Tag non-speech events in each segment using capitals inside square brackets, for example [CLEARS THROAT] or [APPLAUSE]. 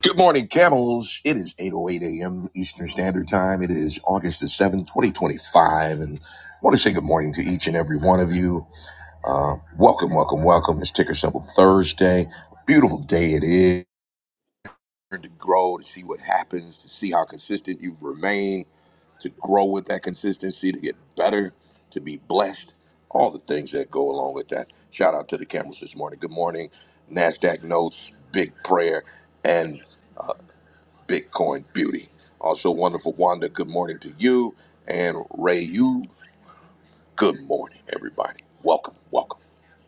Good morning, camels. It is 8.08 a.m. Eastern Standard Time. It is August the 7th, 2025. And I want to say good morning to each and every one of you. Uh, welcome, welcome, welcome. It's Ticker Symbol Thursday. Beautiful day it is. To grow, to see what happens, to see how consistent you've remained, to grow with that consistency, to get better, to be blessed, all the things that go along with that. Shout out to the camels this morning. Good morning. NASDAQ notes, big prayer. and. Bitcoin Beauty. Also, wonderful Wanda, good morning to you. And Ray, you, good morning, everybody. Welcome, welcome.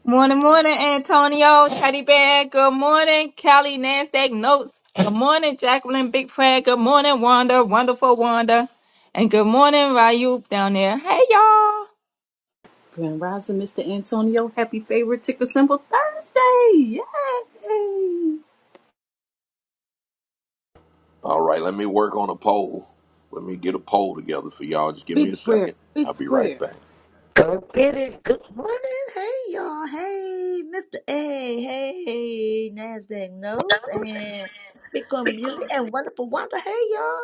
Morning, morning, Antonio, Teddy Bear. Good morning, Kelly, NASDAQ Notes. Good morning, Jacqueline, Big Prayer. Good morning, Wanda, wonderful Wanda. And good morning, Rayub down there. Hey, y'all. Grand Rising, Mr. Antonio. Happy favorite ticker symbol Thursday. Yay! All right, let me work on a poll. Let me get a poll together for y'all. Just give me a Big prayer. second. Big I'll be right prayer. back. Go get it. Good morning. Hey, y'all. Hey, Mr. A. Hey, NASDAQ Notes and Bitcoin Beauty and Wonderful Wonder. Hey, y'all.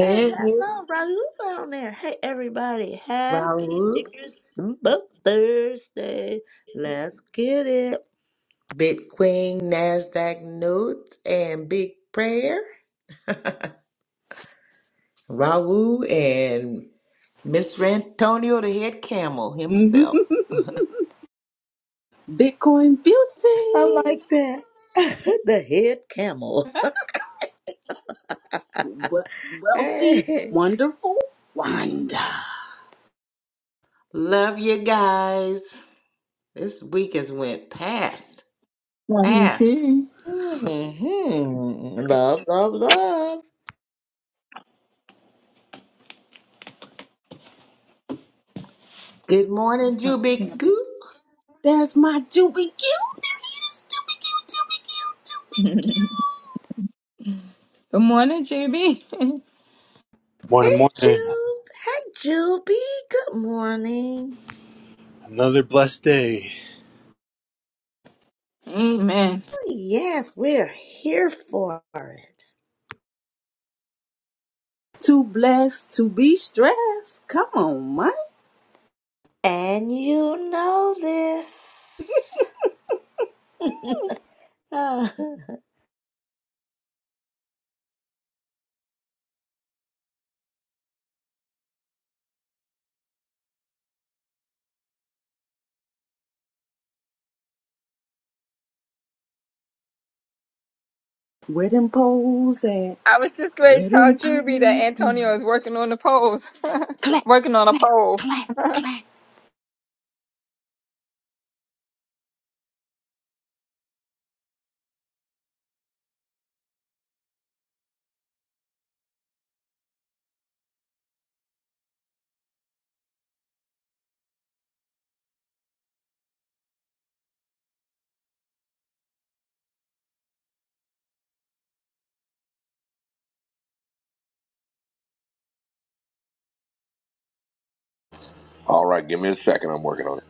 And hello, Raul down there. Hey, everybody. Happy Raoub, Ticker Smoke Thursday. Let's get it. Bitcoin, Nasdaq notes, and big prayer. Raoub and Mr. Antonio, the head camel Mhm. himself. [LAUGHS] Bitcoin I beauty. like that. [LAUGHS] the head camel. We- wealthy. Hey. Wonderful. Wanda. Love you guys. This week has went past, Love you fast. too. [LAUGHS] hmm Love, love, love. Good This morning, is not camp. Jubiku. There's my Juby Q. There he is. Juby Q. Juby Q. [LAUGHS] Juby good Q. morning, Juby. [LAUGHS] Hey, Morning, morning. Jube. Hey, Juby. Good morning. Another blessed day. Amen. Well, Yes, we're here for it. Too blessed to be stressed. Come on, Mike. And you know this. [LAUGHS] Where them poles at? I was just going to Where tell them Juby that poles at? Antonio is working on the polls, [LAUGHS] Clap, working on a clap, poll. clap, clap. All right, give me a second. I'm working on it.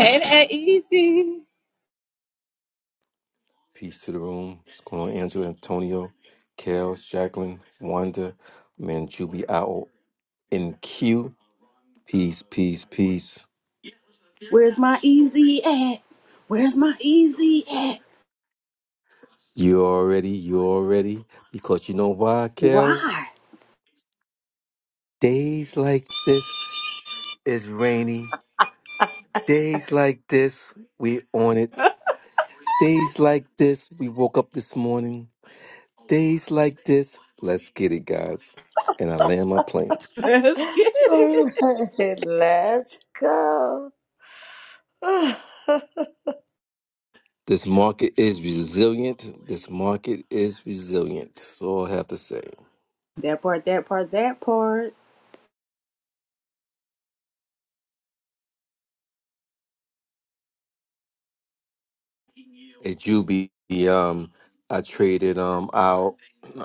Ain't that easy? Peace to the room. What's going on, Angela, Antonio, Kels, Jacqueline, Wanda, Manjubi Owl, and Q. Peace, peace, peace. Where's my easy at? Where's my easy at? You already, you already. Because you know why, Kels? Why? Days like this is rainy. Days like this, we on it. Days like this, we woke up this morning. Days like this, let's get it, guys. And I land my plane. [LAUGHS] Let's get it. Let's go. [SIGHS] This market is resilient. This market is resilient. So all I have to say, That part, that part, that part. at Juby, um, I traded um our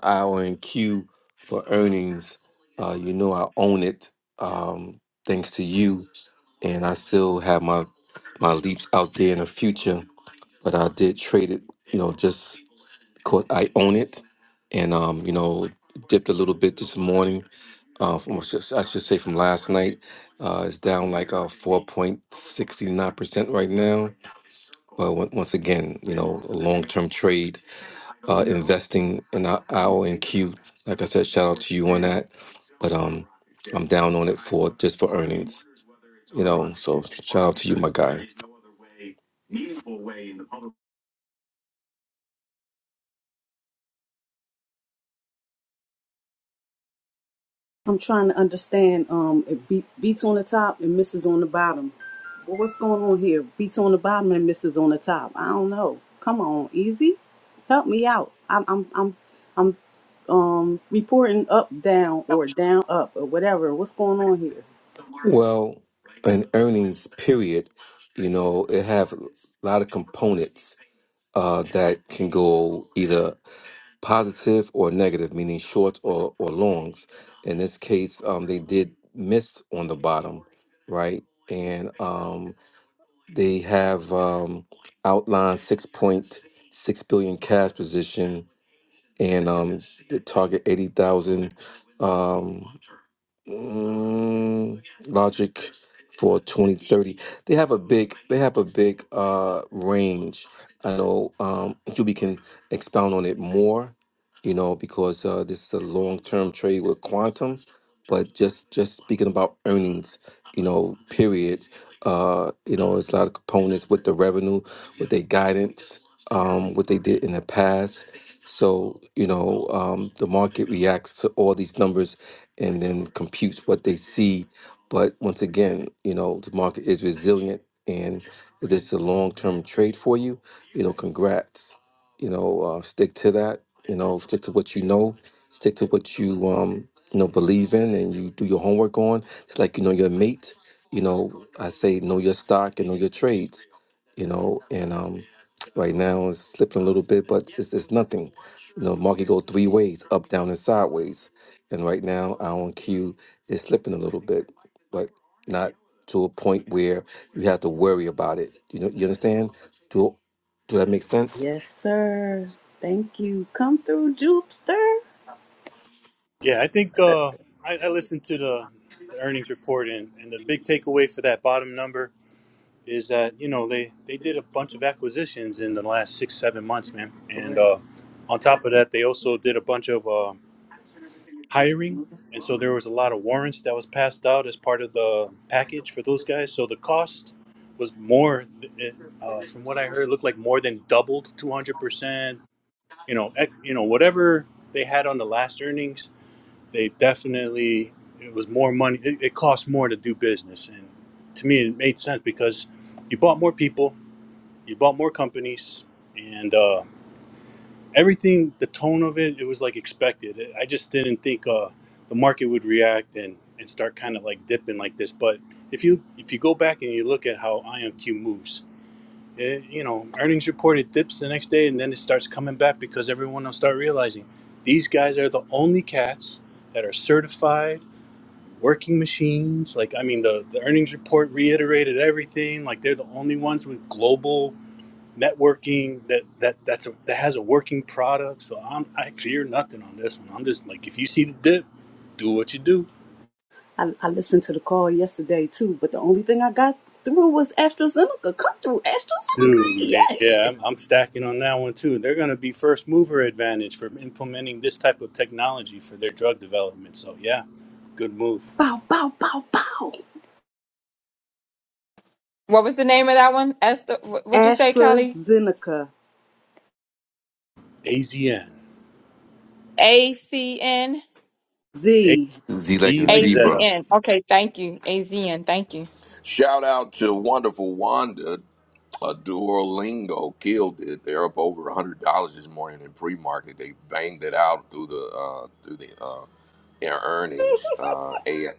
our and Q for earnings. Uh, you know I own it. Um, thanks to you, and I still have my my leaps out there in the future. But I did trade it. You know, just 'cause I own it, and um, you know, dipped a little bit this morning uh, from, I should I should say from last night. Uh, it's down like uh, 4.69% right now. But on- once again, you know, a long-term trade, uh, investing in our and Q. Like I said, shout out to you on that. But um, I'm down on it for just for earnings, you know. So shout out to you, my guy. I'm trying to understand. Um, it beat, beats on the top and misses on the bottom. Well, what's going on here? Beats on the bottom and misses on the top. I don't know. Come on, easy, help me out. I'm, I'm, I'm, I'm, um, reporting up, down, or down, up, or whatever. What's going on here? Well, an earnings period, you know, it have a lot of components uh, that can go either positive or negative, meaning short or, or longs. In this case, um, they did miss on the bottom, right? And um, they have um, outlined 6.6 billion cash position and um, the target 80,000. Mm, Logic for 2030. They have a big they have a big uh range. I know um Juby can expound on it more, you know, because uh this is a long-term trade with quantum, but just just speaking about earnings, you know, period. Uh, you know, it's a lot of components with the revenue, with their guidance, um, what they did in the past. So, you know, um, the market reacts to all these numbers and then compute what they see. But once again, you know, the market is resilient and if this is a long term trade for you, you know, congrats. You know, uh, stick to that, you know, stick to what you know, stick to what you um you know believe in and you do your homework on. It's like you know your mate, you know, I say know your stock and know your trades, you know, and um right now it's slipping a little bit, but it's it's nothing. You know, market go three ways, up, down, and sideways and right now, our on Q is slipping a little bit, but not to a point where you have to worry about it. You know, you understand? Do do that make sense? Yes, sir. Thank you. Come through, Jupster. Yeah, I think uh, I, I listened to the, the earnings report, and, and the big takeaway for that bottom number is that you know they they did a bunch of acquisitions in the last six seven months, man. And Correct. uh, on top of that, they also did a bunch of uh, hiring, and so there was a lot of warrants that was passed out as part of the package for those guys. So the cost was more, uh, from what I heard, looked like more than doubled, two hundred percent. you know, ec- you know, whatever they had on the last earnings, they definitely it was more money. It, it cost more to do business, and to me, it made sense because you bought more people, you bought more companies, and uh, everything. The tone of it, it was like expected. I just didn't think uh, the market would react and and start kind of like dipping like this. But if you if you go back and you look at how IMQ moves, it, you know, earnings reported dips the next day, and then it starts coming back because everyone will start realizing these guys are the only cats that are certified working machines. Like, I mean, the, the earnings report reiterated everything. Like, they're the only ones with global networking that that that's a, that has a working product. So I'm I fear nothing on this one. I'm just like, if you see the dip, do what you do. I, I listened to the call yesterday too, but the only thing I got through was AstraZeneca. Come through AstraZeneca, Dude, yeah. yeah, [LAUGHS] I'm, I'm stacking on that one too. They're going to be first mover advantage for implementing this type of technology for their drug development. So, yeah, good move. Bow, bow, bow, bow. What was the name of that one? Esther, wh- what'd you say, Kelly? AstraZeneca A Z N A C N. A Z. Z like Z in like zebra. Zeta. AZN. Okay, thank you. AZN, thank you. Shout out to wonderful Wanda. A Duolingo killed it. They're up over a hundred dollars this morning in pre-market. They banged it out through the uh, through the uh, in earnings. Uh, AI,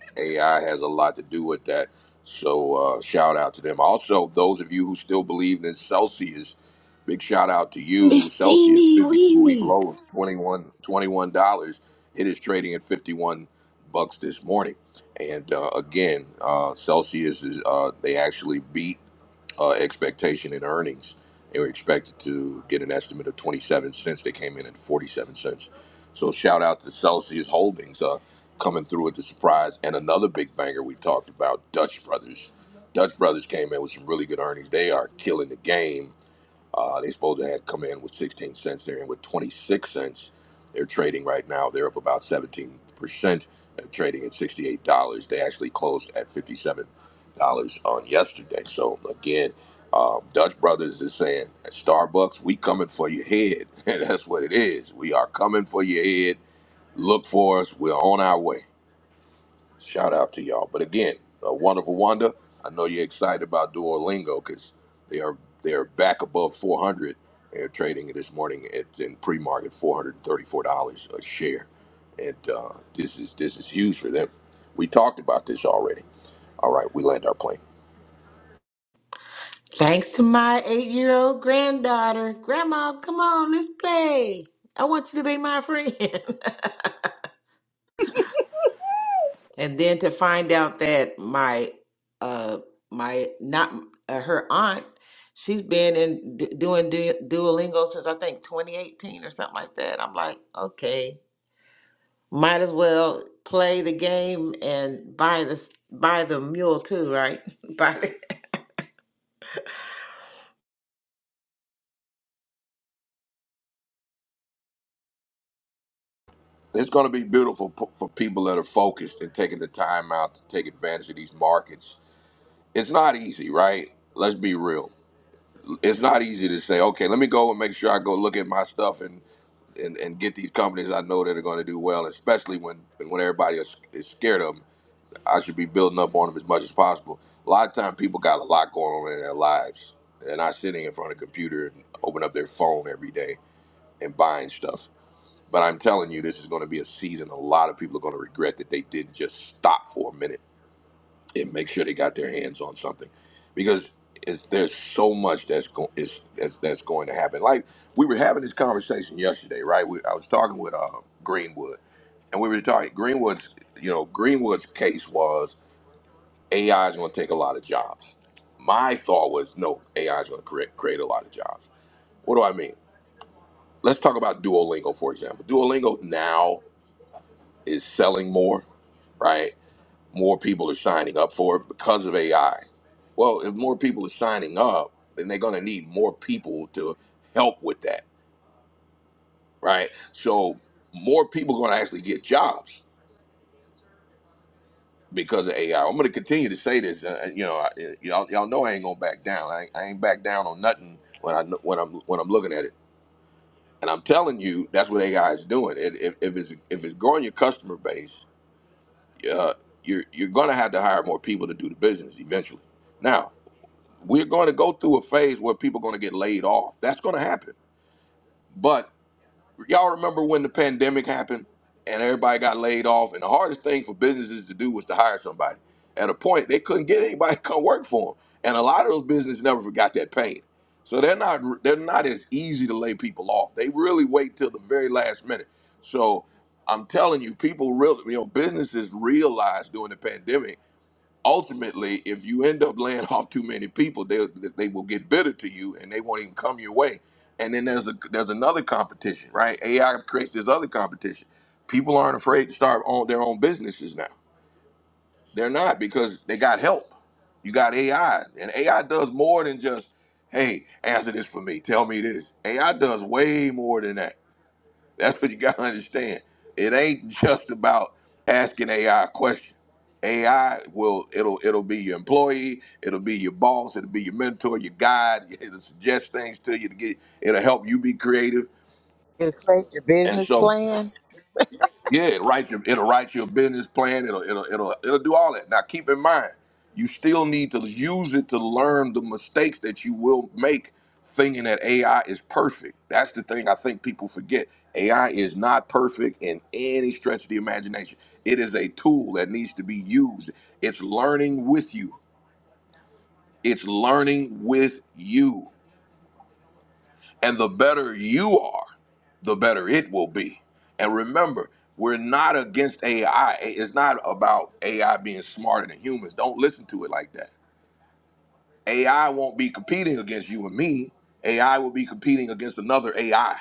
has a lot to do with that. So uh, shout out to them. Also, those of you who still believe in Celsius, big shout out to you. Miss Celsius Teeny 52 week Weeny. low of $21. It is trading at 51 bucks this morning. And uh, again, uh, Celsius is uh, they actually beat uh, expectation in earnings. They were expected to get an estimate of 27 cents. They came in at 47 cents. So shout out to Celsius Holdings uh, coming through with the surprise. And another big banger we talked about, Dutch Brothers. Dutch Brothers came in with some really good earnings. They are killing the game uh, they supposed to have come in with 16 cents. They're in with 26 cents. They're trading right now. They're up about 17 percent, They're trading at 68 dollars. They actually closed at 57 dollars on yesterday. So again, um, Dutch Brothers is saying at Starbucks, we coming for your head, [LAUGHS] and that's what it is. We are coming for your head. Look for us. We're on our way. Shout out to y'all. But again, a wonderful wonder. I know you're excited about Duolingo because they are they are back above 400. They're trading this morning at in pre-market 434 dollars a share, and uh, this is this is huge for them. We talked about this already. All right, we land our plane. Thanks to my eight-year-old granddaughter, Grandma. Come on, let's play. I want you to be my friend. [LAUGHS] and then to find out that my uh my not uh, her aunt she's been in d- doing du- duolingo since i think 2018 or something like that i'm like okay might as well play the game and buy the buy the mule too right [LAUGHS] buy the It's going to be beautiful p- for people that are focused and taking the time out to take advantage of these markets. It's not easy, right? Let's be real. It's not easy to say, okay, let me go and make sure I go look at my stuff and, and get these companies I know that are going to do well, especially when when everybody is, is scared of them. I should be building up on them as much as possible. A lot of times, people got a lot going on in their lives. They're not sitting in front of a computer and opening up their phone every day and buying stuff. But I'm telling you, this is going to be a season a lot of people are going to regret that they didn't just stop for a minute and make sure they got their hands on something because it's, there's so much that's, go, is, that's that's going to happen like we were having this conversation yesterday right we, i was talking with uh, greenwood and we were talking greenwood's you know greenwood's case was ai is going to take a lot of jobs my thought was no ai is going to create, create a lot of jobs what do i mean let's talk about duolingo for example duolingo now is selling more right more people are signing up for it because of AI. Well, if more people are signing up, then they're going to need more people to help with that, right? So more people are going to actually get jobs because of AI. I'm going to continue to say this. Uh, you know, I, uh, y'all, y'all know I ain't going to back down. I, ain't- I ain't back down on nothing when I kn- when I'm when I'm looking at it. And I'm telling you, that's what AI is doing. It, if, if it's if it's growing your customer base, uh, you're you're going to have to hire more people to do the business eventually. Now, We're going to go through a phase where people are going to get laid off. That's going to happen. But y'all remember when the pandemic happened and everybody got laid off, and the hardest thing for businesses to do was to hire somebody. At a point, they couldn't get anybody [LAUGHS] to come work for them, and a lot of those businesses never forgot that pain. So they're not they're not as easy to lay people off. They really wait till the very last minute. So I'm telling you, people real you know businesses realized during the pandemic ultimately, if you end up laying [LAUGHS] off too many people, they they will get bitter to you and they won't even come your way. And then there's a, there's another competition, right? AI creates this other competition. People aren't afraid to start on their own businesses now. They're not because they got help. You got AI, and AI does more than just hey, answer this for me, tell me this. AI does way more than that that's what you gotta understand. It ain't just about asking AI a question. AI will it'll it'll be your employee, it'll be your boss, it'll be your mentor, your guide, [LAUGHS] it'll suggest things to you to get it'll help you be creative. and create your And business so plan yeah, it write your, it'll write your business plan. It'll it'll it'll it'll do all that. Now keep in mind, you still need to use it to learn the mistakes that you will make, thinking that AI is perfect. That's the thing I think people forget. AI is not perfect in any stretch of the imagination. It is a tool that needs to be used. It's learning with you. It's learning with you. And the better you are, the better it will be. And remember, we're not against AI. It's not about AI being smarter than humans. Don't listen to it like that. AI won't be competing against you and me. AI will be competing against another AI.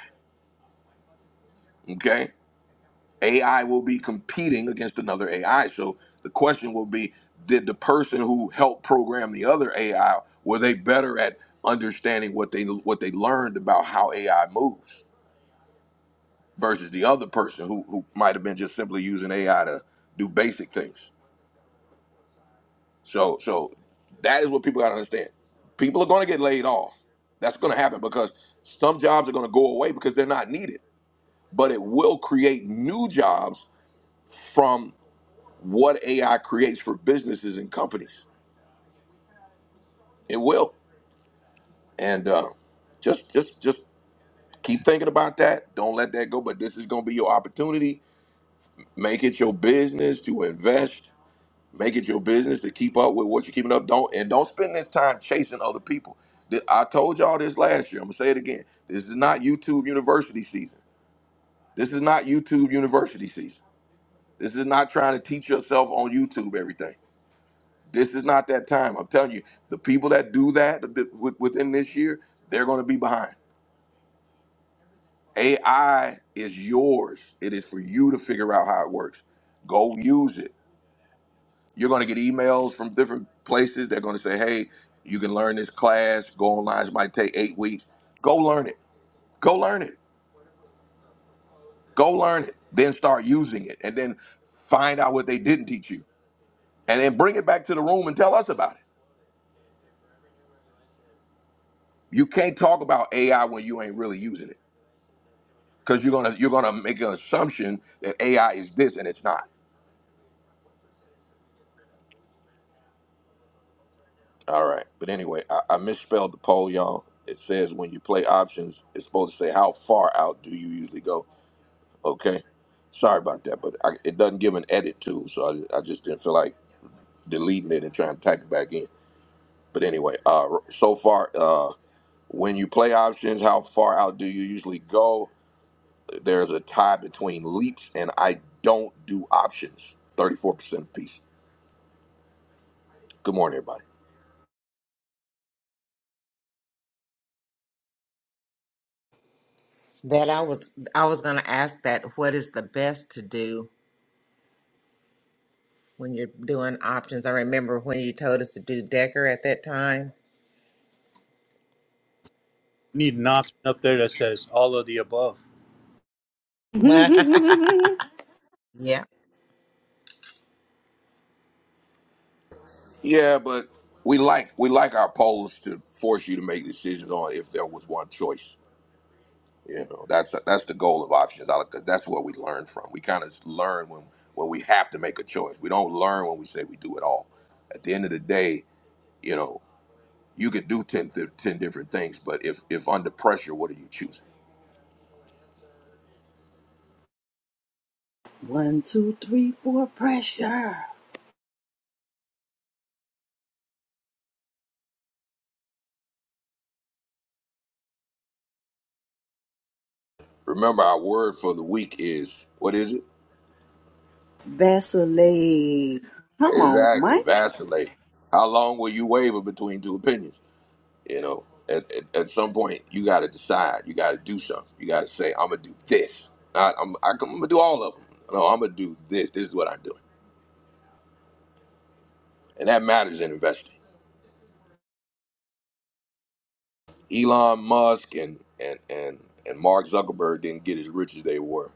Okay? AI will be competing against another AI. So the question will be did the person who helped program the other AI were they better at understanding what they what they learned about how AI moves? versus the other person who who might have been just simply using AI to do basic things. So so that is what people gotta understand. People are gonna get laid off. That's gonna happen because some jobs are gonna go away because they're not needed. But it will create new jobs from what AI creates for businesses and companies. It will. And uh, just just just keep thinking about that. Don't let that go. But this is gonna be your opportunity. Make it your business to invest Make it your business to keep up with what you're keeping up. Don't and don't spend this time chasing other people. Th- I told y'all this last year. I'm gonna say it again. This is not YouTube University season. This is not YouTube University season. This is not trying to teach yourself on YouTube everything. This is not that time. I'm telling you, the people that do that th- with- within this year, they're gonna be behind. AI is yours. It is for you to figure out how it works. Go use it You're going to get emails from different places. They're going to say, hey, you can learn this class. Go online. It might take eight weeks. Go learn it. Go learn it. Go learn it. Then start using it. And then find out what they didn't teach you. And then bring it back to the room and tell us about it. You can't talk about AI when you ain't really using it. Because you're gonna you're gonna make an assumption that AI is this and it's not. All right. But anyway, I, I misspelled the poll, y'all. It says when you play options, it's supposed to say how far out do you usually go Okay, sorry about that, but I, it doesn't give an edit tool, so I, I just didn't feel like deleting it and trying to type it back in. But anyway, uh, so far, uh, when you play options, how far out do you usually go? There's a tie between leaps and I don't do options. Thirty-four percent of piece. Good morning, everybody. that i was i was going to ask that what is the best to do when you're doing options i remember when you told us to do decker at that time Need an option up there that says all of the above. [LAUGHS] [LAUGHS] Yeah. Yeah, but we like we like our polls to force you to make decisions on if there was one choice. You know, that's that's the goal of options because that's what we learn from. We kind of learn when when we have to make a choice. We don't learn when we say we do it all. At the end of the day, you know, you could do 10, th- 10 different things, but if if under pressure, what are you choosing? One, two, three, four, pressure. Remember, our word for the week is what is it? Vaseline. Come on, Exactly, Mike. vacillate. How long will you waver between two opinions? You know, at, at, at some point you got to decide. You got to do something. You got to say, "I'm gonna do this." Not, I'm, I, am i am going to do all of them. No, I'm gonna do this. This is what I'm doing, and that matters in investing. Elon Musk and and and and Mark Zuckerberg didn't get as rich as they were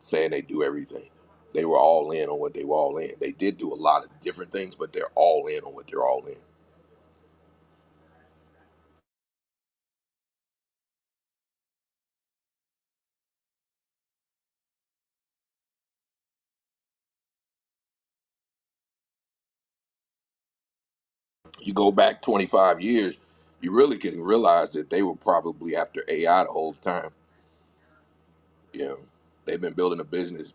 saying they do everything. They were all in on what they were all in. They did do a lot of different things, but they're all in on what they're all in. You go back 25 years, you really can realize that they were probably after AI the whole time. You know, they've been building a business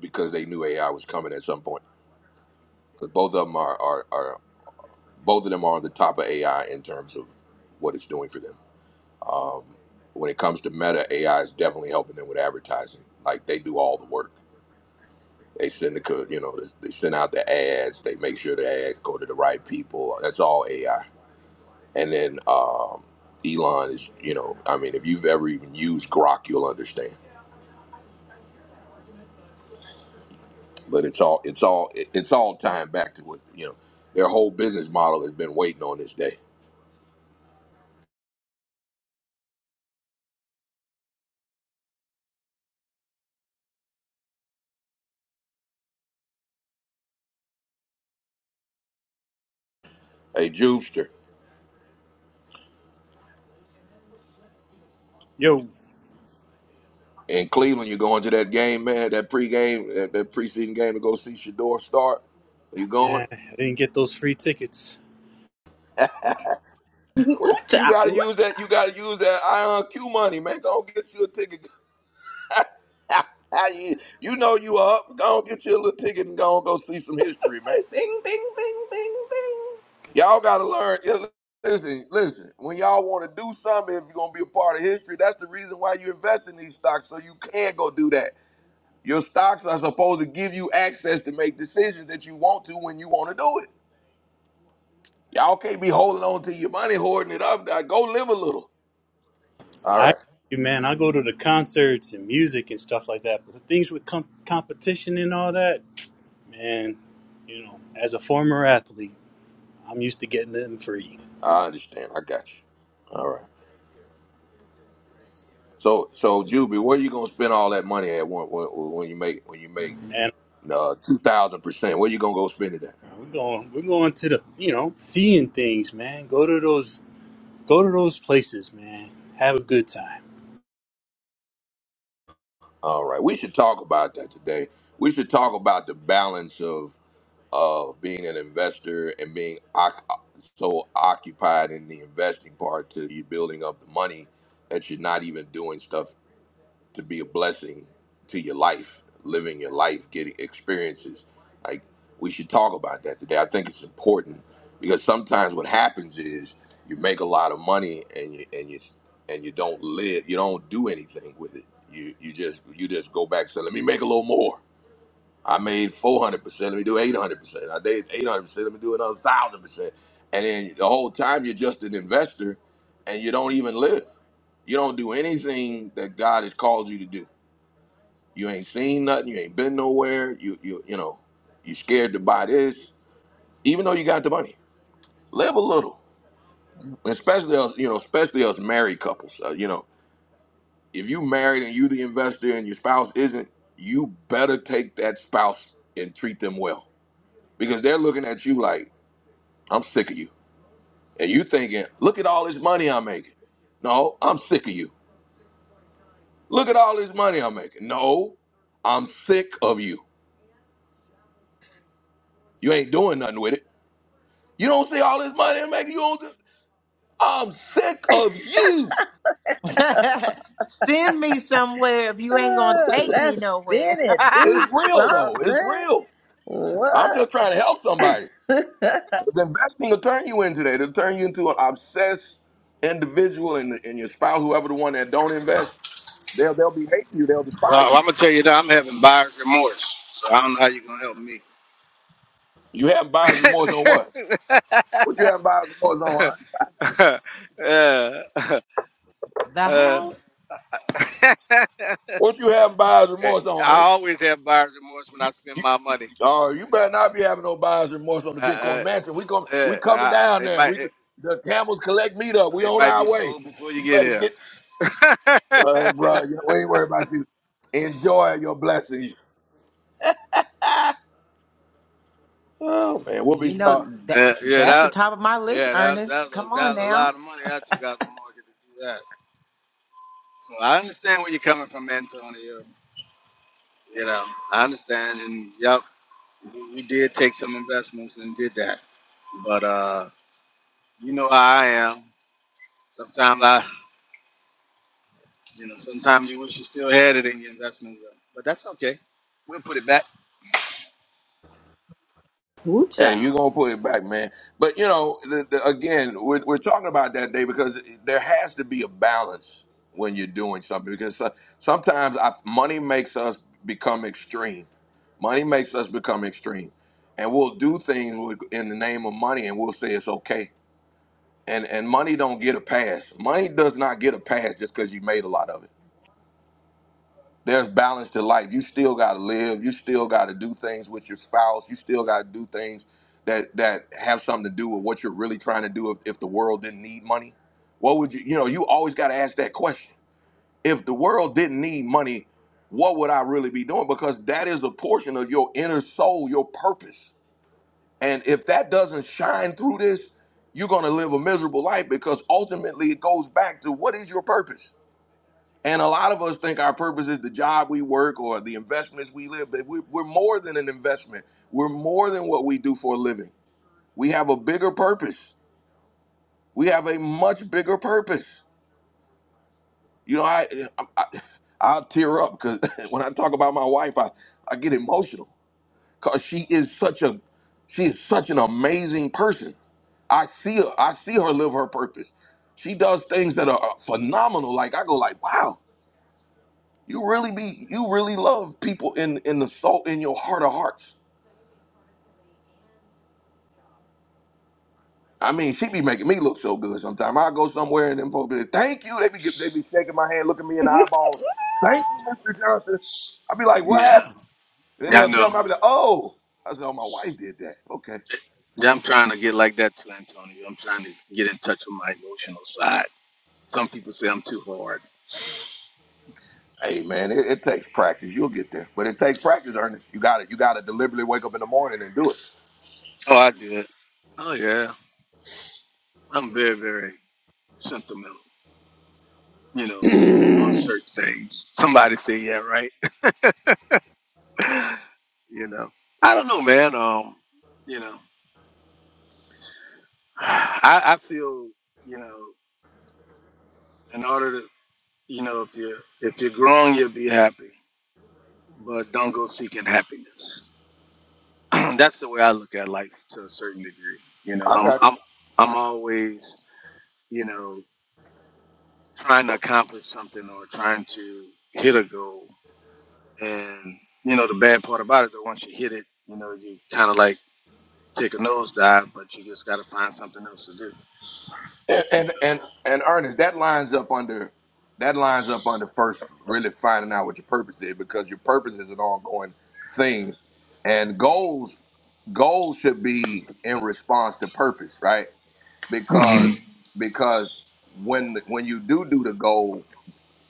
because they knew AI was coming at some point. Because both of them are, are, are both of them are on the top of AI in terms of what it's doing for them. Um, when it comes to Meta, AI is definitely helping them with advertising. Like they do all the work. They send the co- you know they send out the ads. They make sure the ads go to the right people. That's all AI. And then um, Elon is you know I mean if you've ever even used Grok, you'll understand. But it's all it's all it's all tying back to what you know their whole business model has been waiting on this day Hey, Jupiter. Yo, In Cleveland, you going to that game, man, that pregame, that, that preseason game to go see Shador start. You going? man, I didn't get those free tickets. man. What? You Woocha, got to use woocha. that. You got to use that IRQ money, man. Go get you a ticket. [LAUGHS] you you know you are up. Go get you a little ticket and go go see some history, man. Bing, bing, bing, bing, Y'all got to learn. Yeah, Listen, listen. When y'all want to do something, if you're gonna be a part of history, that's the reason why you invest in these stocks, so you can go do that. Your stocks are supposed to give you access to make decisions that you want to when you want to do it. Y'all can't be holding on to your money, hoarding it up. Now go live a little. All I, right. man, I go to the concerts and music and stuff like that, but the things with com- competition and all that, man, you know, as a former athlete, I'm used to getting them free. I understand. I got you. All right. So so Juby, where you gonna spend all that money at when when, when you make when you make Man, uh two thousand percent? Where you gonna go spend it at? We're going. We're going to the. You know, seeing things, man. Go to those. Go to those places, man. Have a good time. All right. We should talk about that today. We should talk about the balance of of being an investor and being oc- so occupied in the investing part to you building up the money that you're not even doing stuff to be a blessing to your life, living your life, getting experiences. Like we should talk about that today. I think it's important because sometimes what happens is you make a lot of money and you and you and you don't live, you don't do anything with it. You you just you just go back. So let me make a little more I made 400%, let me do 800%. I did 800%, let me do another 1,000%. And then the whole time you're just an investor and you don't even live. You don't do anything that God has called you to do. You ain't seen nothing, you ain't been nowhere, you you you know, you scared to buy this even though you got the money. Live a little. Especially us, you know, especially us married couples. Uh, you know, if you married and you the investor and your spouse isn't, you better take that spouse and treat them well because they're looking at you like I'm sick of you. And you thinking, look at all this money I'm making. No, I'm sick of you. Look at all this money I'm making. No, I'm sick of you. You ain't doing nothing with it. You don't see all this money I'm making. You don't just, I'm sick of you. [LAUGHS] Send me somewhere if you ain't gonna take me Let's nowhere. spin it. It's Do [LAUGHS] real though. It's something. real. I'm What? just trying to help somebody. somebody. [LAUGHS] 'Cause investing will turn you into that. It'll turn you into an obsessed individual and, and your spouse, whoever the one that don't invest, they'll they'll be hating you. They'll despise Well, you. I'm gonna tell you that I'm having buyer's remorse, so I don't know how you're gonna help me. You have buyer's remorse on what? What you have buyer's remorse on? [LAUGHS] uh, the uh, house. What you having buyer's remorse [LAUGHS] I on, Ernst? always have buyer's remorse when I spend You, my you, money. uh, you better not be having no buyer's remorse on the Uh, Bitcoin uh, Mansion. We come, we uh, coming I, down it there. might We it, the camels collect meat up. We it on might be our way. sold before you You get better here. get, [LAUGHS] uh, uh, bro. We ain't worried about you. Enjoy your blessings. Oh man, we'll be You know starting. that yeah, that's the that top of my list, yeah that was, that Ernest. was a, Come that on was a lot now. of money I took out the market to do that. So I understand where you're coming from, Antonio. You know, I understand, and yep. we we did take some investments and did that. But uh, you know how I am. Sometimes I, you know, sometimes you wish you still had it in your investments, though. but that's okay. We'll put it back. bing. Hey, Woocha. you gonna put it back, man. But you know, the, the, again, we're, we're talking about that day because there has to be a balance when you're doing something because so- sometimes I, money makes us become extreme. Money makes us become extreme, and we'll do things with, in the name of money, and we'll say it's okay. And and money don't get a pass. Money does not get a pass just because you made a lot of it there's balance to life. You still got to live. You still got to do things with your spouse. You still got to do things that that have something to do with what you're really trying to do. If, if the world didn't need money, what would you? You know, you always got to ask that question. If the world didn't need money, what would I really be doing? Because that is a portion of your inner soul, your purpose. And if that doesn't shine through this, you're gonna live a miserable life because ultimately it goes back to what is your purpose? And a lot of us think our purpose is the job we work or the investments we live, but we, we're more than an investment. We're more than what we do for a living. We have a bigger purpose. We have a much bigger purpose. You know, I, I, I [LAUGHS] I'll tear up because [LAUGHS] when I talk about my wife, I, I get emotional because she is such a, she is such an amazing person. I see her, I see her live her purpose. She does things that are phenomenal. Like I go like, wow, You really be you really love people in in the soul in your heart of hearts. I mean, she be making me look so good sometimes. I go somewhere and them folks be like, "Thank you." They be gi- they be shaking my hand, looking me in the eyeball. Thank you, Mr. Johnson. I be like, "What Yeah, happened?" And then yeah, I they'll know. tell me, I be like, "Oh," I said, "Oh, my wife did that." Okay. Yeah, I'm trying to get like that too, Antonio. I'm trying to get in touch with my emotional side. Some people say I'm too hard. Hey man, it, it takes practice. You'll get there, but it takes practice, Ernest. You got it. You got to deliberately wake up in the morning and do it. Oh, I do it. Oh yeah, I'm very, very sentimental. You know, on [CLEARS THROAT] certain things. Somebody say, yeah, right. [LAUGHS] you know, I don't know, man. Um, you know. I, I feel, you know, in order to, you know, if you're if you're grown, you'll be happy, but don't go seeking happiness. [CLEARS THROAT] That's the way I look at life to a certain degree. You know, I I'm got you. I'm I'm always, you know, trying to accomplish something or trying to hit a goal. And you know, the bad part about it, though, once you hit it, you know, you kind of like take a nosedive, but you just got to find something else to do. And You and and, and Ernest, that lines up under that lines up under first really finding out what your purpose is because your purpose is an ongoing thing, and goals goals should be in response to purpose, right? know? Because Mhm. Mhm. because when when you do do the goal,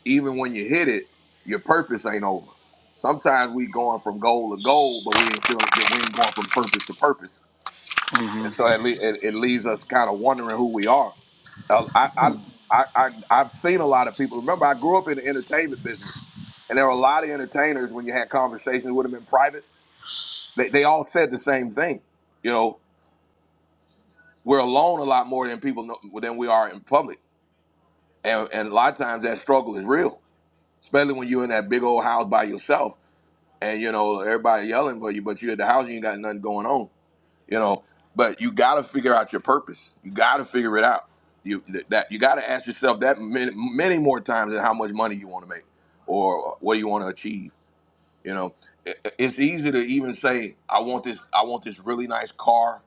even when you hit it, your purpose ain't over. Sometimes we going from goal to goal, but we ain't still we ain't going from purpose to purpose, and Mhm. so it, le- it, it leaves us kind of wondering who we are Oh, I, I, [CLEARS THROAT] I, I, I've seen a lot of people. Remember, I grew up in the entertainment business, and there were a lot of entertainers. When you had conversations with them in private, they, they all said the same thing. You know, we're alone a lot more than people know, than we are in public, and and a lot of times that struggle is real, especially when you're in that big old house by yourself, and you know everybody yelling for you, but you're at the house, you ain't got nothing going on. you know but you got to figure out your purpose you got to figure it out you th- that you got to ask yourself that many, many more times than how much money you want to make or what you want to achieve you know I- it's easy to even say i want this i want this really nice car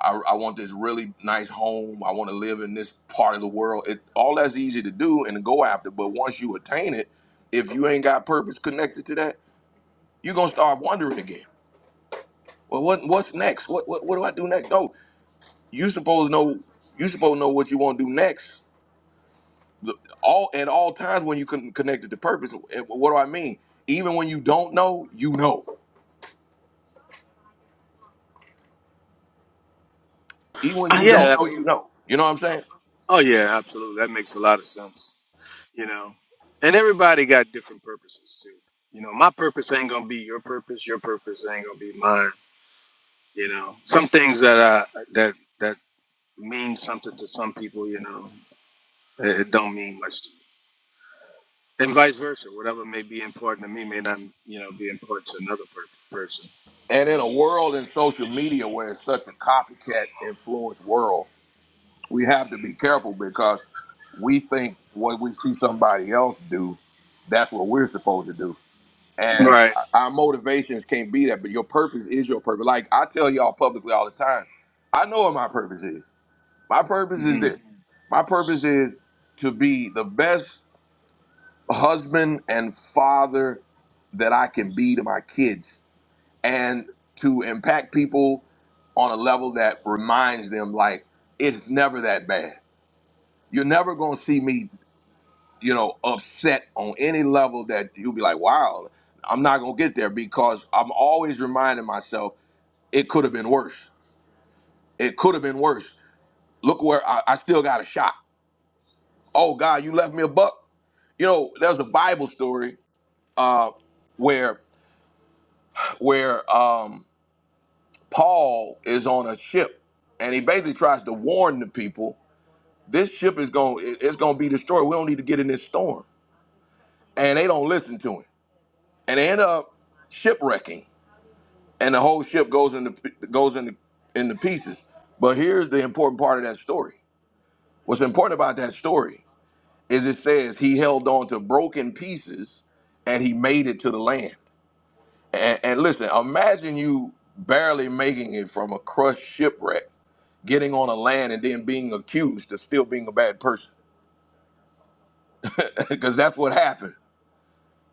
i, I want this really nice home i want to live in this part of the world it all that's easy to do and to go after but once you attain it if you ain't got purpose connected to that you're gonna start wondering again well what what's next what what, what do i do next No, you supposed to know you supposed to know what you want to do next The- all at all times when you con- connected to purpose And what do i mean even when you don't know you know even when you Yeah, don't know absolutely. you know you know what i'm saying Oh yeah, absolutely. That makes a lot of sense. You know, and everybody got different purposes too. You know, my purpose ain't gonna be your purpose. Your purpose ain't gonna be mine. You know, some things that I that that mean something to some people. You know, it, it don't mean much to me, and vice versa. Whatever may be important to me may not, you know, be important to another per- person. and in a world in social media where it's such a copycat influence world we have to be careful because we think what we see somebody else do that's what we're supposed to do And Right. our motivations can't be that, but your purpose is your purpose. Like I tell y'all publicly all the time, I know what my purpose is. My purpose is hmm this. My purpose is to be the best husband and father that I can be to my kids and to impact people on a level that reminds them like it's never that bad. You're never gonna see me you know, upset on any level that you'll be like, wow, I'm not going to get there because I'm always reminding myself it could have been worse. It could have been worse. Look where I, I still got a shot. Oh God, you left me a buck. You know, there's a Bible story uh, where where um, Paul is on a ship and he basically tries to warn the people, this ship is going to it's going to be destroyed. We don't need to get in this storm. And they don't listen to him. And they end up shipwrecking and the whole ship goes into goes into into pieces. But here's the important part of that story. What's important about that story is it says he held on to broken pieces and he made it to the land. And, and listen, imagine you barely making it from a crushed shipwreck, getting on a land and then being accused of still being a bad person, [LAUGHS] because that's what happened.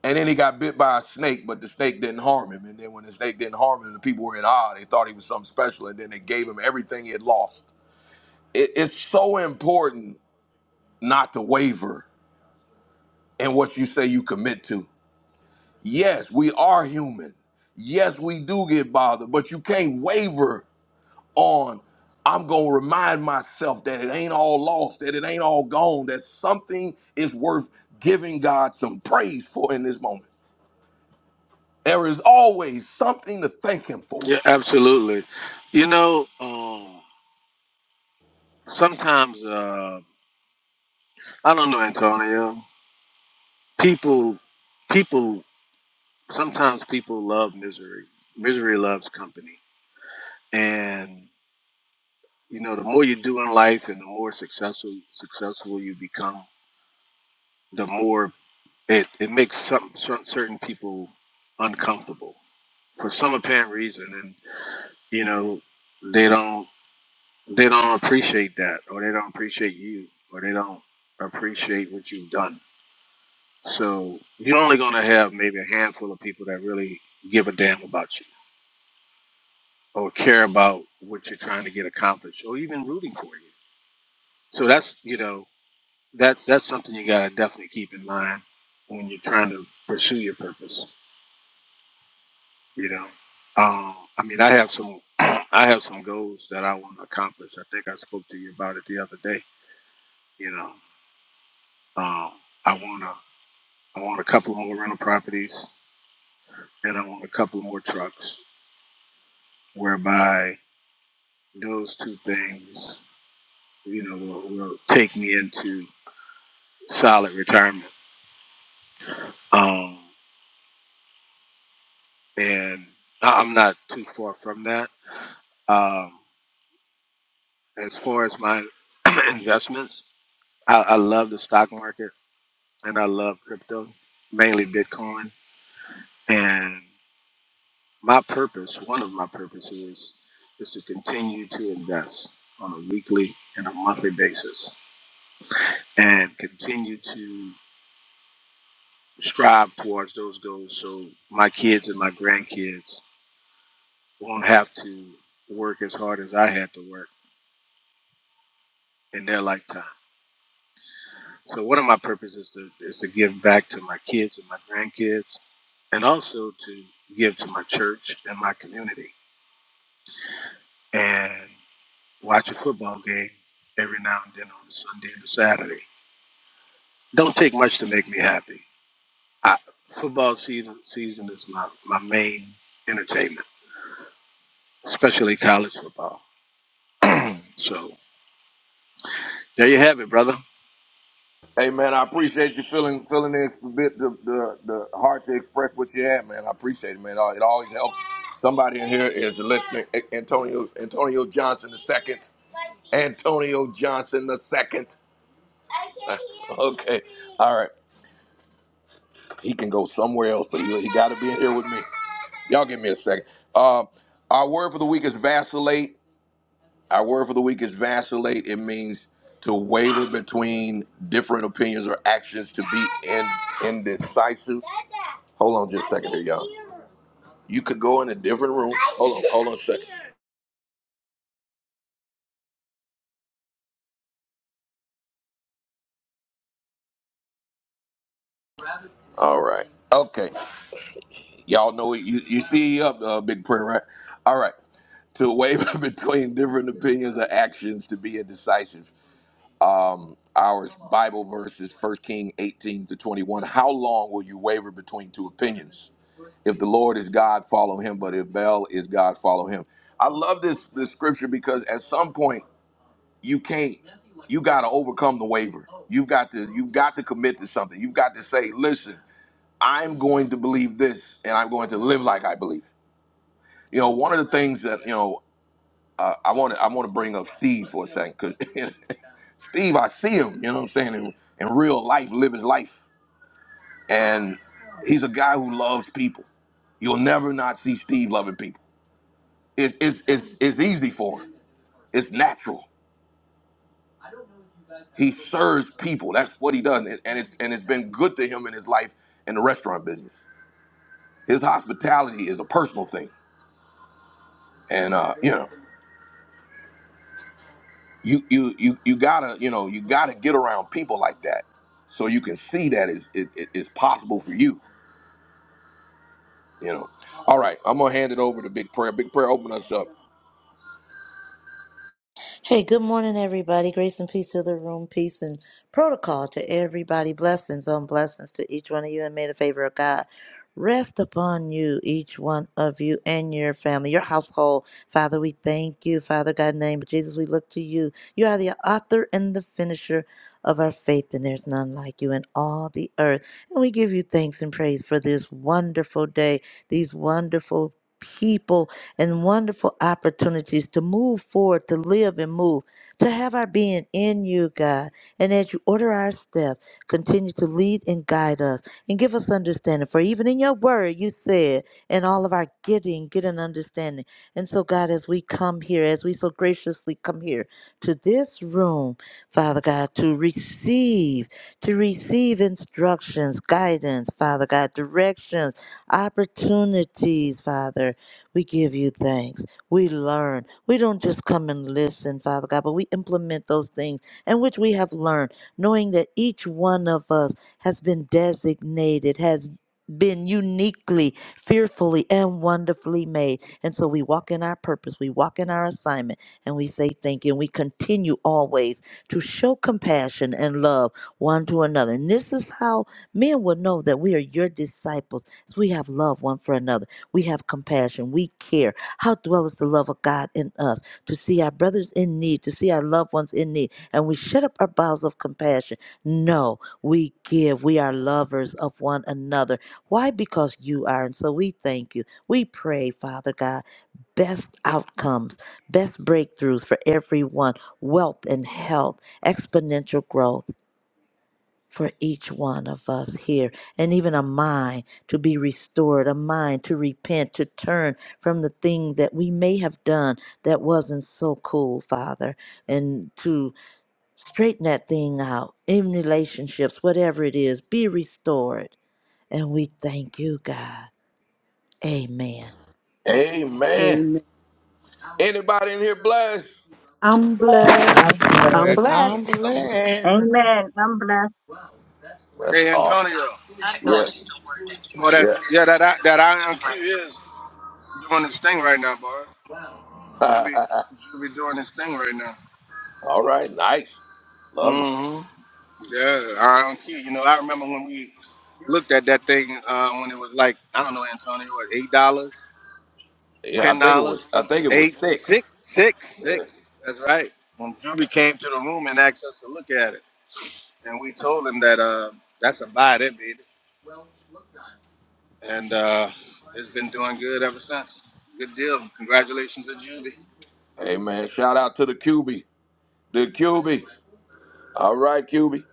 And then he got bit by a snake, but the snake didn't harm him. And then when the snake didn't harm him, the people were in awe. They thought he was something special, and then they gave him everything he had lost. it, it's so important not to waver in what you say you commit to. Yes, we are human. Yes, we do get bothered, but you can't waver on. I'm going to remind myself that it ain't all lost, that it ain't all gone, that something is worth giving God some praise for in this moment. There is always something to thank Him for. Yeah, absolutely. You know, um, sometimes uh, I don't know, Antonio. people people sometimes people love misery misery loves company and you know the more you do in life and the more successful successful you become the more it, it makes some, some certain people uncomfortable for some apparent reason and you know they don't they don't appreciate that or they don't appreciate you or they don't appreciate what you've done so you're only going to have maybe a handful of people that really give a damn about you or care about what you're trying to get accomplished or even rooting for you. So that's you know that's that's something you gotta definitely keep in mind when you're trying to pursue your purpose. You know, um, I mean, I have some [CLEARS THROAT] I have some goals that I want to accomplish. I think I spoke to you about it the other day. You know, um, I wanna I want a couple more rental properties and I want a couple more trucks, whereby those two things you know will, will take me into solid retirement um, and I- I'm not too far from that. Um, as far as my [CLEARS THROAT] investments, I, I love the stock market and I love crypto, mainly Bitcoin. And my purpose, one of my purposes, is to continue to invest on a weekly and a monthly basis, and continue to strive towards those goals, so my kids and my grandkids won't have to work as hard as I had to work in their lifetime So one of my purposes is to, is to give back to my kids and my grandkids, and also to give to my church and my community, and watch a football game every now and then on a Sunday and a Saturday. Don't take much to make me happy. I, football season season is my, my main entertainment, especially college football. So there you have it, brother. Hey man, I appreciate you feeling feeling this bit the, the the heart to express what you had, man. I appreciate it, man. Uh, It always helps. Somebody in here is listening. A- Antonio Antonio Johnson the second. Antonio Johnson the second. [LAUGHS] Uh, Okay, all right. He can go somewhere else, but he, he got to be in here with me. Y'all give me a second. Uh, our word for the week is vacillate. Our word for the week is vacillate. It means to waver between different opinions or actions, to be in, indecisive. Hold on just a second there, y'all. You could go in a different room. Hold on, hold on a second. All right. Okay. Y'all know it. You, you see up, uh, Big Prayer, right? All right. To waver [LAUGHS] between different opinions or actions, to be indecisive. um, our Bible verse is First King 18 to 21. How long will you waver between two opinions? If the Lord is God, follow him. But if Baal is God, follow him. I love this, this scripture because at some point you can't, you got to overcome the waiver. You've got to, you've got to commit to something. You've got to say, listen, I'm going to believe this and I'm going to live like I believe it. You know, one of the things that, you know, uh, I want to I want to bring up Steve for a second because [LAUGHS] Steve, I see him, you know what I'm saying, in, in real life, live his life. And he's a guy who loves people. You'll never not see Steve loving people. It's, it's, it's, it's easy for him, it's natural. He serves people, that's what he does. And, and, it's, and it's been good to him in his life in the restaurant business. His hospitality is a personal thing. And, uh, you know, you, you, you, you gotta, you know, you gotta get around people like that so you can see that it's, it, it- it's possible for you. You know. All right, I'm gonna hand it over to Big Prayer. Big Prayer, open us up. Hey, good morning, everybody. Grace and peace to the room, peace and protocol to everybody. Blessings on blessings to each one of you, and may the favor of God rest upon you, each one of you, and your family, your household. Father, we thank you, Father God, in the name of Jesus. We look to you. You are the author and the finisher of our faith, and there's none like you in all the earth. And we give you thanks and praise for this wonderful day, these wonderful people and wonderful opportunities to move forward, to live and move, to have our being in you, God. And as you order our steps, continue to lead and guide us and give us understanding. For even in your word, you said, in all of our getting, get an understanding. And so, God, as we come here, as we so graciously come here to this room, Father God, to receive, to receive instructions, guidance, Father God, directions, opportunities, Father. We give you thanks. We learn. We don't just come and listen, Father God, but we implement those things in which we have learned, knowing that each one of us has been designated, has been uniquely, fearfully, and wonderfully made. And so we walk in our purpose, we walk in our assignment, and we say thank you. And we continue always to show compassion and love one to another. And this is how men will know that we are your disciples. as We have love one for another we have compassion. We care. How dwelleth the love of God in us to see our brothers in need, to see our loved ones in need, and we shut up our bowels of compassion. No, we give. We are lovers of one another. Why? Because you are. And so we thank you. We pray, Father God, best outcomes, best breakthroughs for everyone, wealth and health, exponential growth for each one of us here, and even a mind to be restored, a mind to repent, to turn from the thing that we may have done that wasn't so cool, Father, and to straighten that thing out in relationships, whatever it is, be restored. And we thank you, God. Amen. Amen. Amen. Anybody in here blessed? I'm Bless. blessed. I'm I'm blessed. Amen. Amen. I'm blessed. I'm blessed. blessed. Amen. I'm blessed. That's Hey, awesome. Antonio. God, the Yeah, technology's still working. Keep Boy, Holy that yeah. Spirit, yeah, and keep that doing what that you're doing IMQ right is doing its thing right now, boy. Juby, [LAUGHS] Juby doing his thing right now. All right, nice. Love it. hmm Yeah, I do You know, I remember when we looked at that thing uh, when it was like I don't know, Antonio, what eight dollars, Yeah, I ten think it was. dollars, I some think it was eight, six. six, six, six. That's right. When Juby came to the room and asked us to look at it, and we told him that uh, that's a buy, that baby, and uh, it's been doing good ever since. Good deal. Congratulations to Juby. Amen. shout out to the QB, the QB. All right, QB.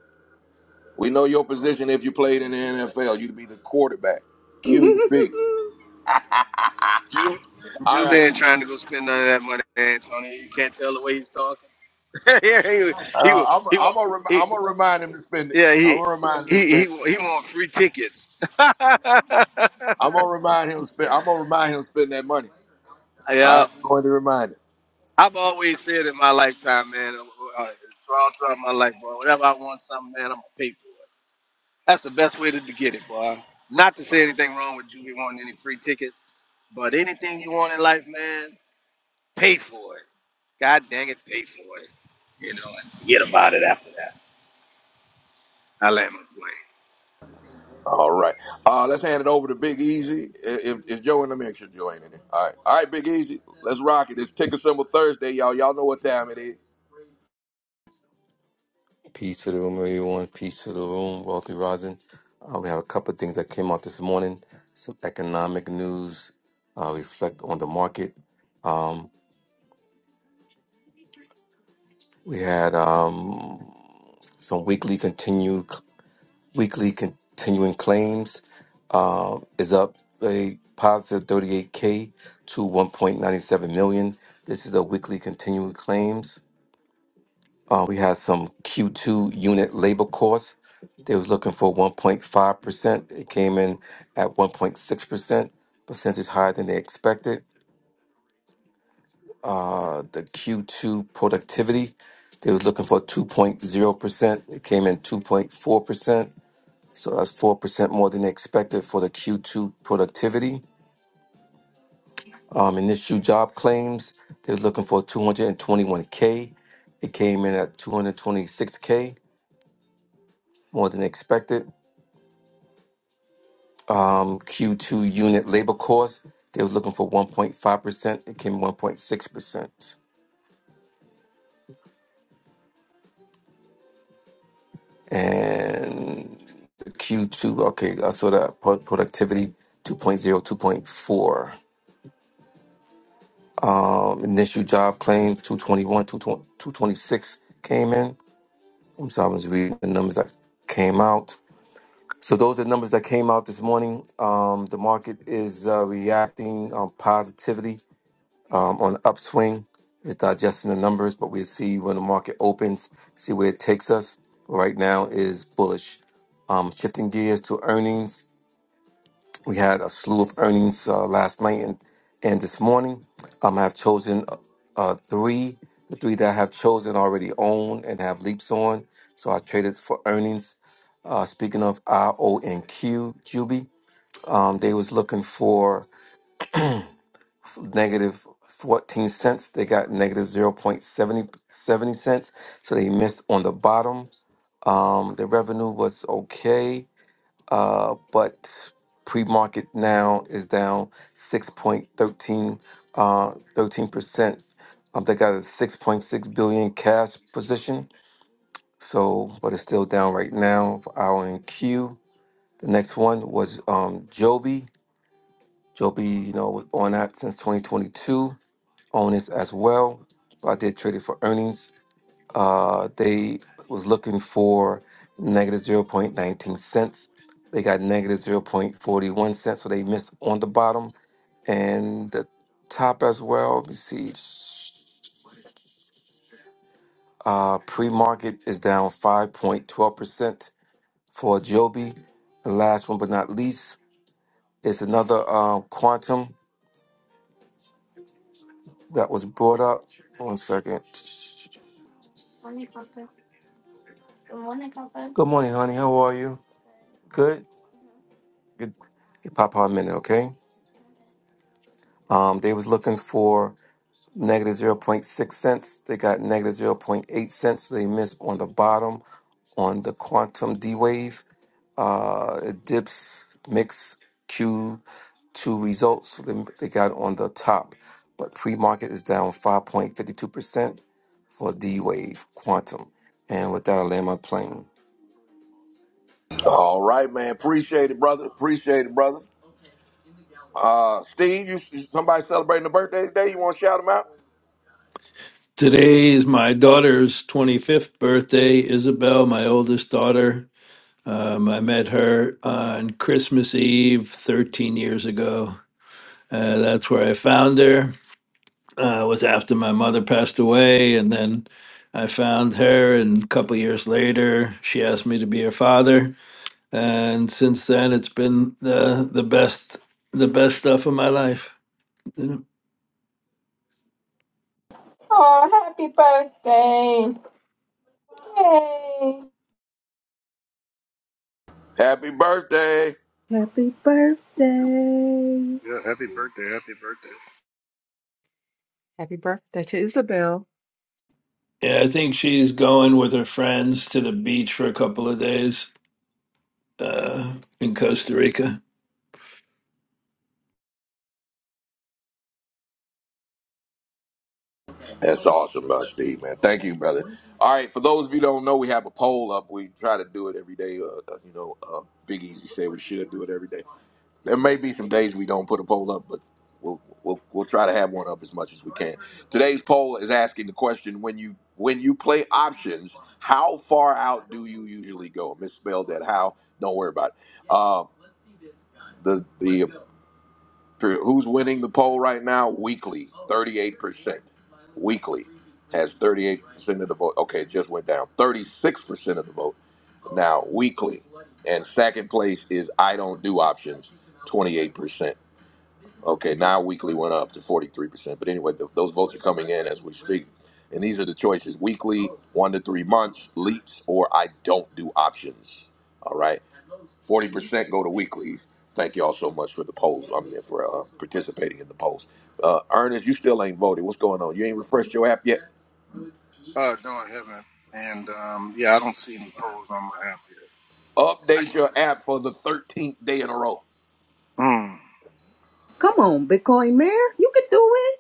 We know your position if you played in the NFL. You'd be the quarterback, [LAUGHS] QB. Juby, All right. Juby ain't trying to go spend none of that money, Antonio. You can't tell the way he's talking. [LAUGHS] yeah, he he Uh, wa- I'm. he I'm want gonna. remi- he I'm gonna remind him to spend it. yeah I'm he gonna remind him to he he spend. wa- he want free tickets. [LAUGHS] I'm gonna remind him. Spend, I'm gonna remind him to spend that money. yeah, I'm going to remind him. I've always said in my lifetime, man, uh, uh, throughout, throughout my life, boy, whenever I want something, man, I'm gonna pay for it. That's the best way to, to get it, boy. Not to say anything wrong with you wanting any free tickets, but anything you want in life, man, pay for it. God dang it, pay for it. You know, and forget about it after that. I land my plane. All right. Uh, let's hand it over to Big Easy. If, if Joe in the mix, sure Joe ain't in it. All right. All right, Big Easy. Let's rock it. It's ticker symbol Thursday, y'all. Y'all know what time it is. Peace to the room, everyone. Peace to the room, wealthy rising. Uh, we have a couple of things that came out this morning. Some economic news. Uh, reflect on the market. Um, we had um, some weekly continued. weekly continuing claims um, is up a positive 38k to 1.97 million. This is the weekly continuing claims. Uh, we had some Q2 unit labor costs. They was looking for 1.5%. It came in at 1.6%, percentage higher than they expected. Uh, the Q2 productivity, they was looking for 2.0%. It came in 2.4%. So that's 4% more than they expected for the Q2 productivity. Um, initial job claims, they were looking for 221K. It came in at 226K, more than expected. Um, Q2 unit labor cost, they were looking for 1.5%. It came 1.6%. And Q2, okay, I saw that pro- productivity two point zero, two point four. 2.4. Um, initial job claim 221, 220 226 came in. So I was reading the numbers that came out. So those are the numbers that came out this morning. Um, the market is uh, reacting um, positively um, on upswing. It's digesting the numbers, but we see when the market opens, see where it takes us. Right now is bullish. Um, shifting gears to earnings. We had a slew of earnings uh, last night and, and this morning. Um, I've chosen uh, uh, three, the three that I have chosen already own and have leaps on. So I traded for earnings. Uh, speaking of RONQ, QB, um, they was looking for negative 14 cents. They got negative negative zero point seventy seventy cents. So they missed on the bottom. Um, the revenue was okay uh, but pre-market now is down 6.13 uh, 13%. Um, they got a 6.6 billion cash position, so but it's still down right now for our and Q. The next one was um, Joby. Joby, you know, was on that since 2022, on this as well. So I did trade it for earnings. Uh, they was looking for negative zero point 0.19 cents. They got negative 0.41 cents, so they missed on the bottom and the top as well. You see, uh, pre-market is down 5.12% for Joby. The last one but not least is another uh, quantum that was brought up. One second. Morning, Papa. Good morning, Papa. Good morning, honey. How are you? Good. Good. Give Papa a minute, okay? Um, they was looking for negative zero point 0.6 cents. They got negative zero point 0.8 cents. So they missed on the bottom on the quantum D wave. Uh, it dips mix Q2 results. So they, they got on the top. But pre market is down 5.52% for D wave quantum. And with that, I land my plane. All right, man. Appreciate it, brother. Appreciate it, brother. Uh, Steve, you somebody celebrating a birthday today? You want to shout him out? Today is my daughter's 25th birthday, Isabel, my oldest daughter. Um, I met her on Christmas Eve 13 years ago. Uh, that's where I found her. Uh, it was after my mother passed away, and then I found her, and a couple years later, she asked me to be her father. And since then, it's been the the best the best stuff of my life. Oh, happy birthday. Yay. Happy birthday. Happy birthday. Yeah, happy birthday, happy birthday. Happy birthday to Isabel. Yeah, I think she's going with her friends to the beach for a couple of days. uh, in Costa Rica. That's awesome, uh, Steve, man. Thank you, brother. All right, for those of you who don't know, we have a poll up. We try to do it every day. Uh, uh, you know, uh, Big Easy said we should do it every day. There may be some days we don't put a poll up, but we'll, we'll we'll try to have one up as much as we can. Today's poll is asking the question: When you when you play options, how far out do you usually go? I misspelled that. How? Don't worry about it. Uh, the the True. Who's winning the poll right now? Weekly, 38%. Weekly has 38% of the vote. Okay, it just went down. 36% of the vote now, weekly. And second place is I don't do options, 28%. Okay, now weekly went up to 43%. But anyway, th- those votes are coming in as we speak. And these are the choices weekly, one to three months, leaps, or I don't do options. All right. Forty percent go to weeklies. Thank y'all so much for the polls. I'm there for uh, participating in the polls. Uh, Ernest, you still ain't voted. What's going on? You ain't refreshed your app yet. Uh, no, I haven't. And um, yeah, I don't see any polls on my app Update yet. your app for the 13th day in a row. Mm, Come on, Bitcoin Mayor. You can do it.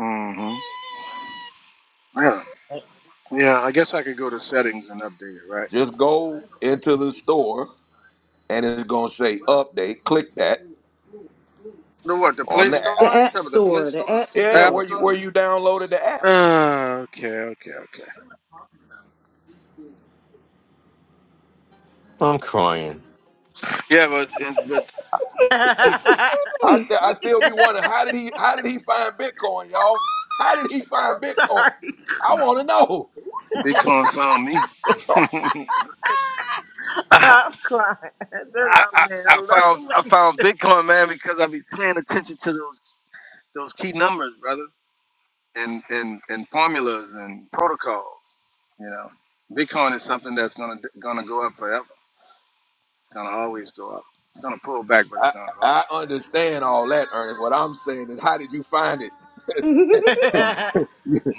mm-hmm. Yeah, yeah. I guess I could go to settings and update it, right? Just go into the store and it's gonna say update. Click that The what? The on Play the The app. Store? You App talking about the Play Store. The Store? App The Yeah, App Store. where you Store? where you downloaded the app. Uh, okay, okay, okay. I'm crying. Yeah, but and- but [LAUGHS] keep I Hmm. st- I still be wondering how did he how did he find Bitcoin, y'all? How did he find Bitcoin? Sorry. I want to know. Bitcoin found me. [LAUGHS] I, I'm crying. That's, I, oh I man, I I love the found I found Bitcoin man because I be paying attention to those those key numbers, brother. and and and formulas and protocols. You know, Bitcoin is something that's gonna gonna go up forever. It's gonna always go up. It's gonna pull back, but I, it's gonna I always go understand all that, Ernest. What I'm saying is, how did you find it? up. way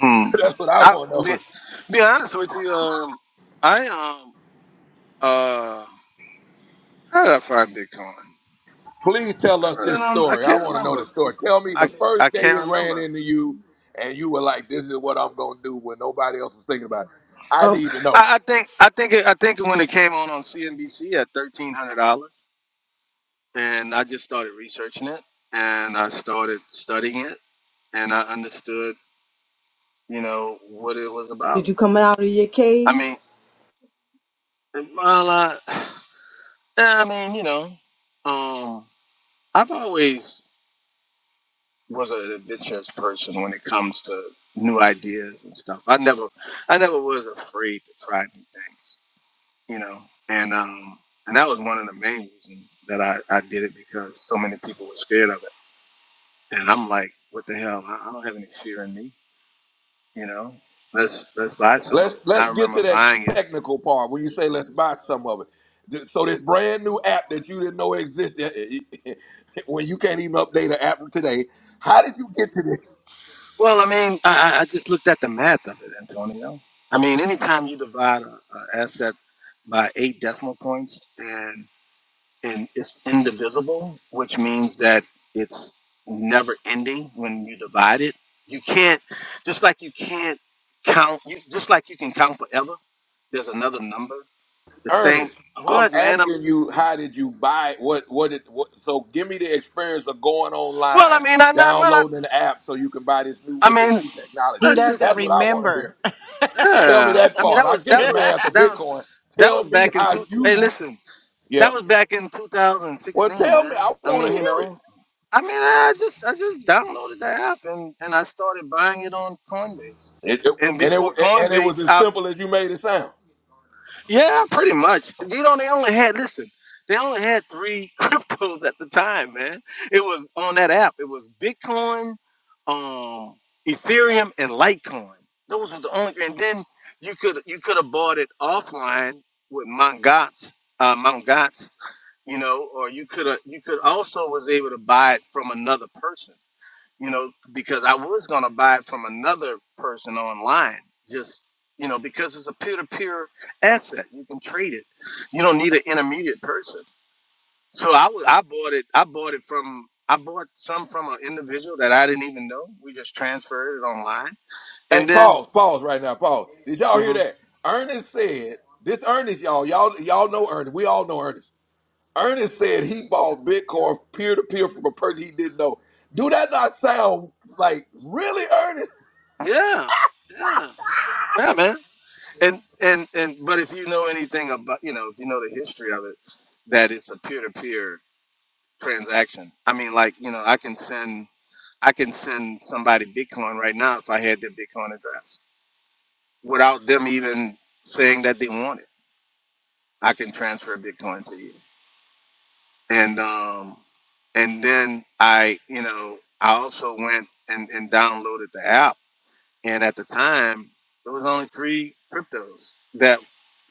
Hmm. Hmm. [LAUGHS] That's what I I want to be, know. be honest with you. Um, I um uh how did I find Bitcoin? Please tell I us really this don't. I story. I can't want to know remember. the story. Tell me I the I first day can't it ran remember. into you, and you were like, "This is what I'm gonna do" when nobody else is thinking about it. I Um, need to know. I, I think I think it, I think when it came on on CNBC at thirteen hundred dollars, and I just started researching it, and I started studying it and I understood, you know, what it was about. did you come out of your I cave? mean, well, uh, yeah, [SIGHS] I mean, you know, um, I've always was an adventurous person when it comes to new ideas and stuff. I never, I never was afraid to try new things, you know, and um, and that was one of the main reasons that I, I did it because so many people were scared of it, and I'm like, what the hell? I, I don't have any fear in me, you know. Let's let's buy some of Let's it. let's I get remember to that buying it technical part when you say let's buy some of it. Th- So this brand new app that you didn't know existed, [LAUGHS] when you can't even update an app today, how did you get to this? Well, I mean, I, I I just looked at the math of it, Antonio. I mean, anytime you divide an asset by eight decimal points and and it's indivisible, which means that it's never ending when you divide it. You can't, just like you can't count, you, just like you can count forever. There's another number. The same. Ernest, I'm What man? I'm, asking you, how did you buy it? What, what did, what, so give me the experience of going well, I online, mean, I, I, downloading the app so you can buy this new, I with this mean, new [LAUGHS] I he technology. doesn't just, That's what I want to remember. hear. [LAUGHS] Tell me yeah. that I mean, part. that I was get that the was math of that was Bitcoin. that Tell was me back in how two. Hey, you, listen. yeah. That was back in Well, 2016, tell me, man. I I want to mean, hear you it. know, I mean, I just I just downloaded the app and and I started buying it on Coinbase. It, it. And And before it, and it was Coinbase, as I simple as you made it sound. yeah, pretty much. You know, they only had listen, they only had three [LAUGHS] cryptos at the time, man. It was on that app. It was Bitcoin, um, Ethereum, and Litecoin. Those were the only. And then you could you could have bought it offline with Mt. Gox, uh, Mt. Gox you know, or you could have you could also was able to buy it from another person, you know, because I was gonna buy it from another person online, just you know, because it's a peer-to-peer asset. You can trade it. You don't need an intermediate person. So I was I bought it I bought it from I bought some from an individual that I didn't even know. We just transferred it online. Hey, And then pause, pause right now, pause. Did y'all hear Mhm. that? Ernest said, this Ernest, y'all, y'all, y'all know Ernest. We all know Ernest. Ernest said he bought Bitcoin peer to peer from a person he didn't know. Do that not sound like really Ernest? yeah, yeah, yeah, man. and and and but if you know anything about you know if you know the history of it that it's a peer-to-peer transaction i mean like you know i can send i can send somebody bitcoin right now if i had their bitcoin address without them even saying that they want it i can transfer bitcoin to you and um and then i you know i also went and and downloaded the app and at the time there was only three cryptos that.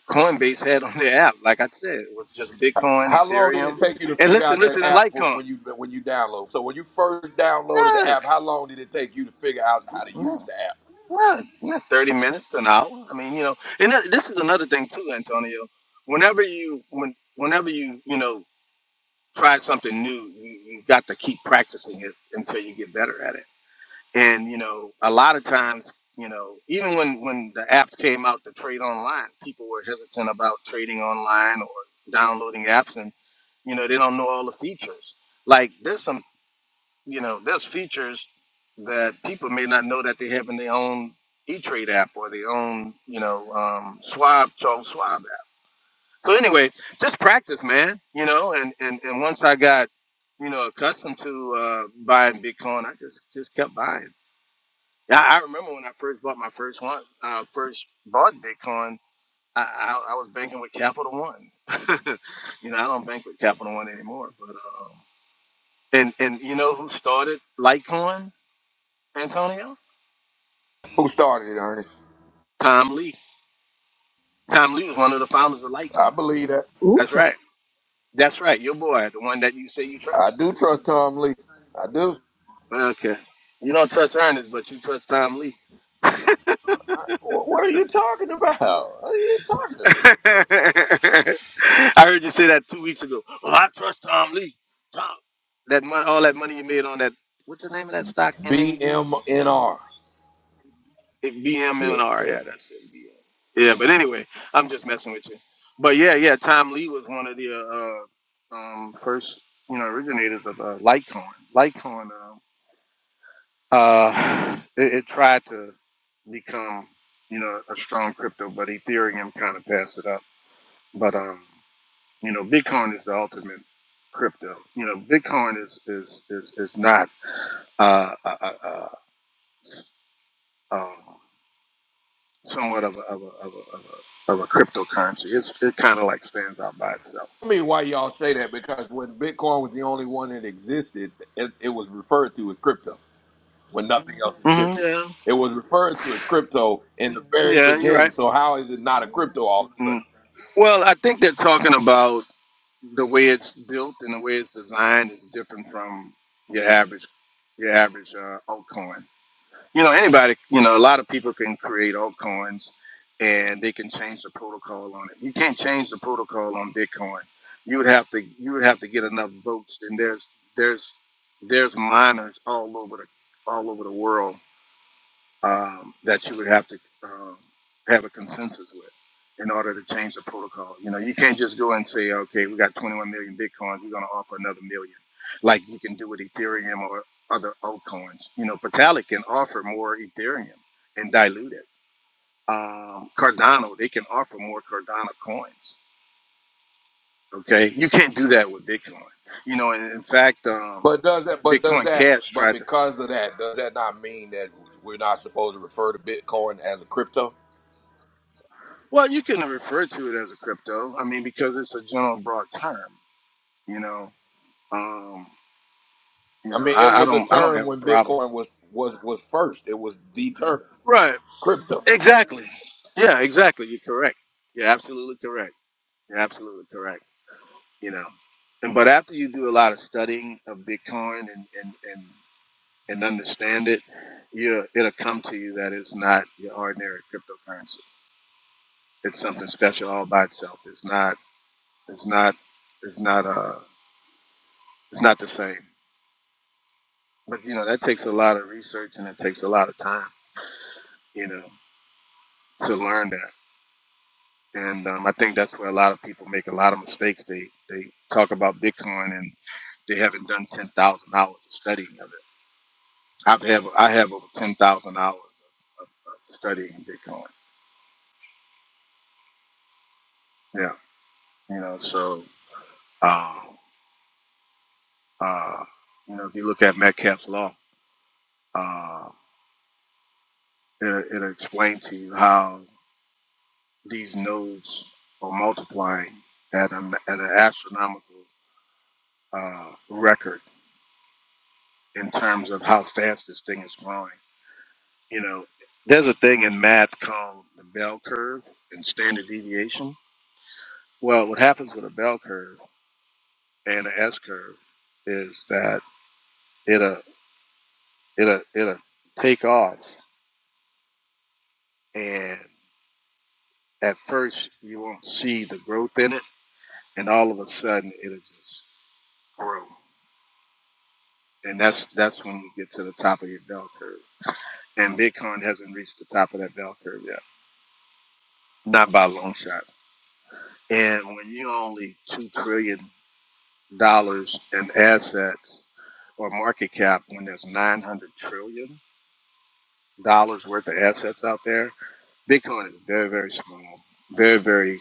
Coinbase had on their app. Like I said, it was just Bitcoin, How long did it Ethereum, take you to and figure listen, out that listen, and app for Litecoin. when you when you download? So when you first downloaded the Look, app, how long did it take you to figure out how to use look, the app? look, not thirty minutes to an hour. I mean, you know, and that, this is another thing too, Antonio. Whenever you when whenever you you know try something new, you, you got to keep practicing it until you get better at it. And you know, a lot of times, you know, even when when the apps came out to trade online, people were hesitant about trading online or downloading apps, and you know, they don't know all the features. Like there's some, you know, there's features that people may not know that they have in their own E-Trade app or their own, you know, um, Schwab Charles Swab app. So anyway, just practice, man. You know, and and and once I got, you know, accustomed to uh, buying Bitcoin, I just just kept buying. Yeah, I, I remember when I first bought my first one, uh, first bought Bitcoin. I, I, I was banking with Capital One. [LAUGHS] you know, I don't bank with Capital One anymore. But um, and and you know who started Litecoin, Antonio? Who started it, Ernest? Tom Lee. Tom Lee was one of the founders of I Litecoin. believe that. Ooh That's cha, right. That's right. Your boy, the one that you say you I trust. do trust Tom Lee. I do. Okay. You don't trust Ernest, but you trust Tom Lee. Wh- What are you talking about? What are you talking [LAUGHS] about? I heard you say that two weeks ago. Well, I trust Tom Lee. Tom. That money, all that money you made on that. What's the name of that stock? MNBM. BMNR. It- Yeah, yeah. Yeah, that's it. BM. Yeah, but anyway, I'm just messing with you. But yeah, yeah, Tom Lee was one of the uh, uh, um, first, you know, originators of uh, Litecoin. Litecoin, um, uh, [SIGHS] it, it tried to become, you know, a strong crypto, but Ethereum kind of passed it up. But um, You know, Bitcoin is the ultimate crypto. You know, Bitcoin is is is, is not uh, uh, uh, uh, s- um, somewhat of a of a, of a, of a, of a cryptocurrency. It's it kind of like stands out by itself. Tell me why y'all say that because when Bitcoin was the only one that existed, it, it was referred to as crypto when nothing else hmm existed. yeah, It was referred to as crypto in the very yeah, you're right. beginning. So how is it not a crypto all of a sudden? Mm. Well, I think they're talking about the way it's built and the way it's designed is different from your average your average uh, altcoin. you know anybody you know a lot of people can create altcoins and they can change the protocol on it you can't change the protocol on bitcoin you would have to you would have to get enough votes and there's there's there's miners all over the all over the world um, that you would have to um, have a consensus with in order to change the protocol. You know, you can't just go and say, okay, we got 21 million bitcoins, we're going to offer another million, like you can do with Ethereum or other altcoins. You know, Vitalik can offer more Ethereum and dilute it. Um, Cardano, they can offer more Cardano coins. Okay, you can't do that with Bitcoin. You know, and in fact, um, But does that? But does Bitcoin that? Cash But tried to. because of that, does that not mean that we're not supposed to refer to Bitcoin as a crypto? Well, you can refer to it as a crypto. I mean, because it's a general broad term You know, um, you I know, mean, it I, I was a don't I don't term have a when problem. Bitcoin was was was first. It was the term Right. crypto. Exactly. Yeah. Exactly. You're correct. You're absolutely correct. You're absolutely correct. You know, and but after you do a lot of studying of Bitcoin and and and, and understand it, you it'll come to you that it's not your ordinary cryptocurrency. It's something special all by itself. It's not. It's not. It's not. Uh. It's not the same. But you know that takes a lot of research and it takes a lot of time. You know to learn that. and um, I think that's where a lot of people make a lot of mistakes. They they talk about Bitcoin and they haven't done ten thousand hours of studying of it. I've have I have over ten thousand hours of, of studying Bitcoin. Yeah, you know, so uh, uh, you know, if you look at Metcalf's law, uh, it it'll explain to you how these nodes are multiplying at an at an astronomical uh, record in terms of how fast this thing is growing You know, there's a thing in math called the bell curve and standard deviation. Well, what happens with a bell curve and an S curve is that it'll it'll it'll take off, and at first you won't see the growth in it, and all of a sudden it'll just grow, and that's that's when you get to the top of your bell curve. And Bitcoin hasn't reached the top of that bell curve yet, not by a long shot. And when you only two trillion dollars in assets or market cap when there's 900 trillion dollars worth of assets out there. Bitcoin is very, very small, very, very,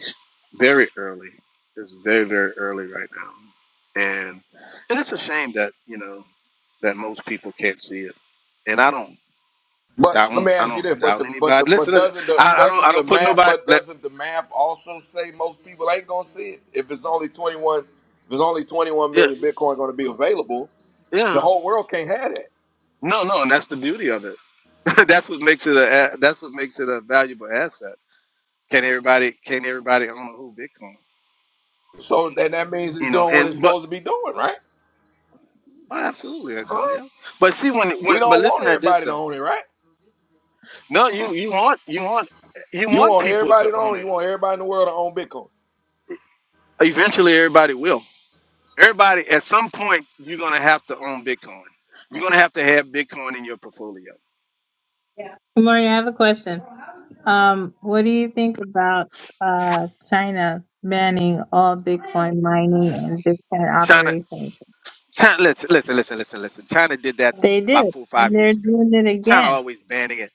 very early. It's very, very early right now, and and it's a shame that you know that most people can't see it. And I don't But let doubt, me I ask you this: don't but doubt the but the anybody. but Listen, listen doesn't the I, I don't, doesn't I the don't put math nobody. but Let, doesn't the math also say most people ain't gonna see it? If it's only twenty one, if it's only twenty one yeah, million Bitcoin gonna be available, the yeah. whole world can't have that. No, no, and that's the beauty of it. [LAUGHS] that's what makes it a. a- That's what makes it a valuable asset Can everybody can everybody own a whole Bitcoin? So then that means it's You know, doing what it's and but supposed to be doing, right? oh, absolutely, Antonio. But see when when We but don't want listen at this everybody to though. own it, right? No, you you want you want you You want want people everybody to to own own. You it. want everybody in the world to own Bitcoin. Eventually everybody will. Everybody at some point you're gonna have to own Bitcoin. You're gonna have to have Bitcoin in your portfolio. Maureen, I have a question. Um, what do you think about uh, China banning all Bitcoin mining and Bitcoin China operations? China listen listen listen listen listen. China did that They did, about four or and five they're years ago. doing it China again. always banning it.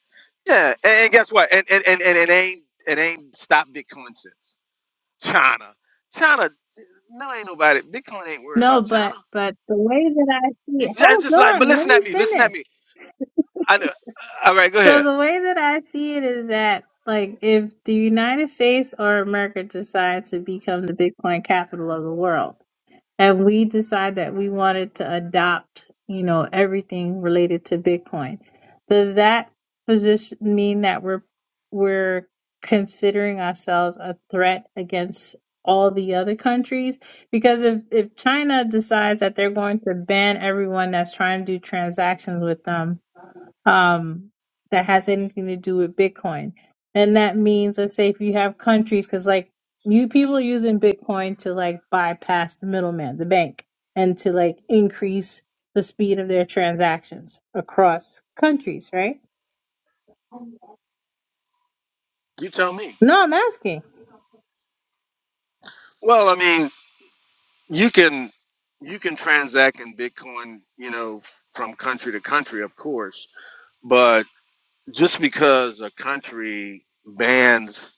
Yeah, and, and guess what? And and, and, and it ain't it ain't stopped Bitcoin since. China. China, no, ain't nobody. Bitcoin ain't worried No, about China. but but the way that I see You, it, that's hold just like, but on, let listen me at me, listen at finish. me. I know. All right, go So ahead. the way that I see it is that like if the United States or America decides to become the Bitcoin capital of the world. and we decide that we wanted to adopt, you know, everything related to Bitcoin. Does that position mean that we're we're considering ourselves a threat against all the other countries? Because if if China decides that they're going to ban everyone that's trying to do transactions with them, um, that has anything to do with Bitcoin. And that means, let's say, if you have countries, because like you people are using Bitcoin to like bypass the middleman, the bank, and to like increase the speed of their transactions across countries, right? You tell me. No, I'm asking. Well, I mean, you can you can transact in Bitcoin, you know, f- from country to country, of course. But just because a country bans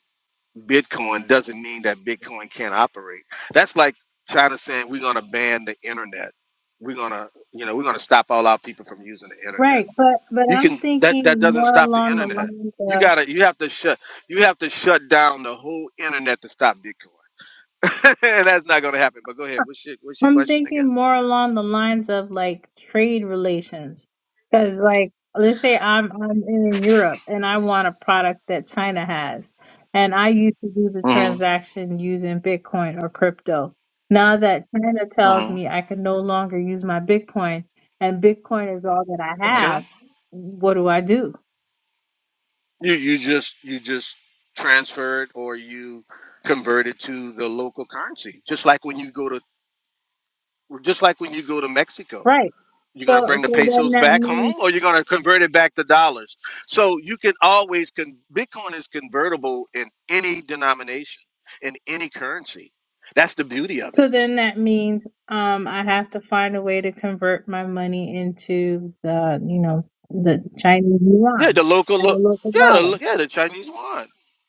Bitcoin doesn't mean that Bitcoin can't operate. That's like China saying we're going to ban the internet. We're going to, you know, we're going to stop all our people from using the internet Right, but but You I'm can that that thinking doesn't more stop the along the internet. lines You of gotta you have to shut you have to shut down the whole internet to stop Bitcoin. [LAUGHS] That's not gonna happen. But go ahead. What's your what's your I'm question again? thinking more along the lines of like trade relations. Because like let's say I'm I'm in Europe and I want a product that China has and I used to do the hmm transaction using Bitcoin or crypto. Now that China tells hmm me I can no longer use my Bitcoin and Bitcoin is all that I Okay. have, what do I do? You you just you just transferred or you converted to the local currency. Just like when you go to just like when you go to Mexico Right. You're So going to bring the so then pesos that back means home or you're going to convert it back to dollars. So you can always con- Bitcoin is convertible in any denomination, in any currency. That's the beauty of So it. then that means um, I have to find a way to convert my money into the, you know, the Chinese Yeah, yuan the local as a lo- local yeah, the, dollar. lo- yeah, the Chinese yuan.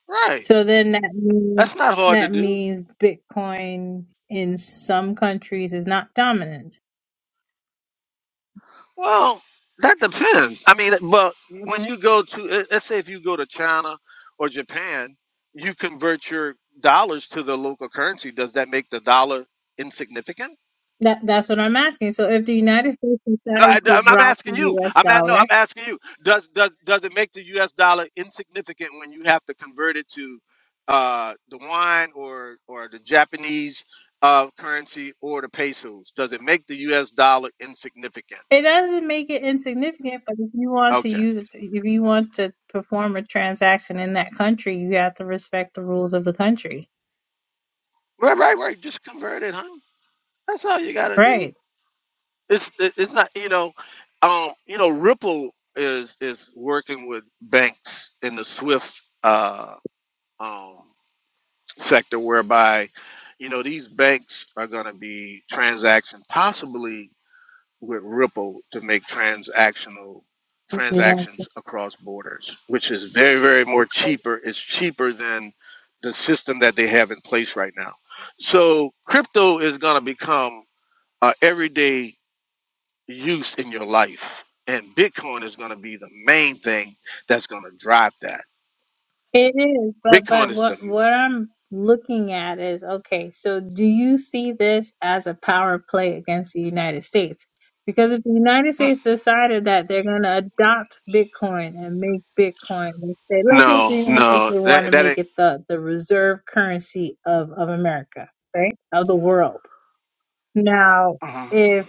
Right. So then that means That's not hard to that do. means Bitcoin in some countries is not dominant. Well, that depends. I mean, but when you go to let- let's say if you go to China or Japan, you convert your dollars to the local currency. Does that make the dollar insignificant? That that's what I'm asking. So if the United States No, decides I, to am drop the asking you. U.S. I'm at no. dollar, I'm asking you. Does does does it make the U.S. dollar insignificant when you have to convert it to uh, the wine or or the Japanese uh, currency or the pesos? Does it make the U.S. dollar insignificant? it doesn't make it insignificant. But if you want to Okay. use, if you want to perform a transaction in that country, you have to respect the rules of the country, Right, right, right. Just convert it, huh? That's all you gotta do. right? It's it- it's not you know, um, you know Ripple is is working with banks in the SWIFT uh, um, sector whereby you know these banks are going to be transaction possibly with ripple to make transactional We love- transactions across borders which is very very more cheaper it's cheaper than the system that they have in place right now so crypto is going to become uh, everyday use in your life and bitcoin is going to be the main thing that's going to drive that It is, but bitcoin but is the what mm, what I'm looking at is okay. So do you see this as a power play against the United States? Because if the United States decided that they're going to mm, adopt Bitcoin and make Bitcoin, let's say, let's say the no, United States no, they want that to that make it the the reserve currency of of America, right? Of the world. Now. if Mhm.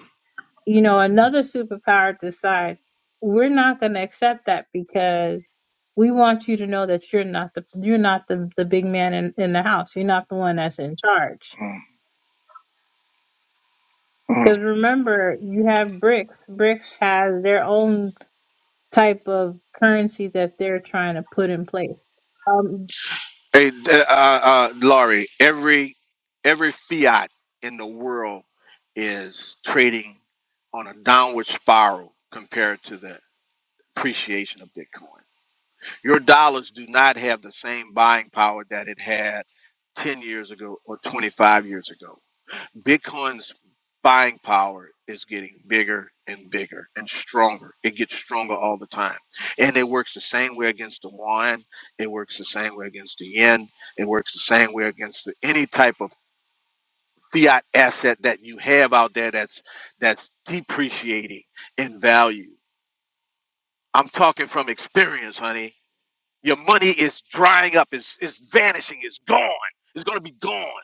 you know, another superpower decides we're not going to accept that because we want you to know that you're not the you're not the the big man in, in the house. You're not the one that's in charge. Mhm. Because Mhm. remember, you have BRICS. BRICS has their own type of currency that they're trying to put in place. Um, Hey, d- uh, uh, Laurie, every every fiat in the world is trading on a downward spiral compared to the appreciation of Bitcoin. Your dollars do not have the same buying power that it had 10 years ago or 25 years ago. Bitcoin's buying power is getting bigger and bigger and stronger. It gets stronger all the time. And it works the same way against the yuan, it works the same way against the yen, it works the same way against the, any type of fiat asset that you have out there that's that's depreciating in value. I'm talking from experience, honey. Your money is drying up, it's, it's vanishing, it's gone. It's going to be gone.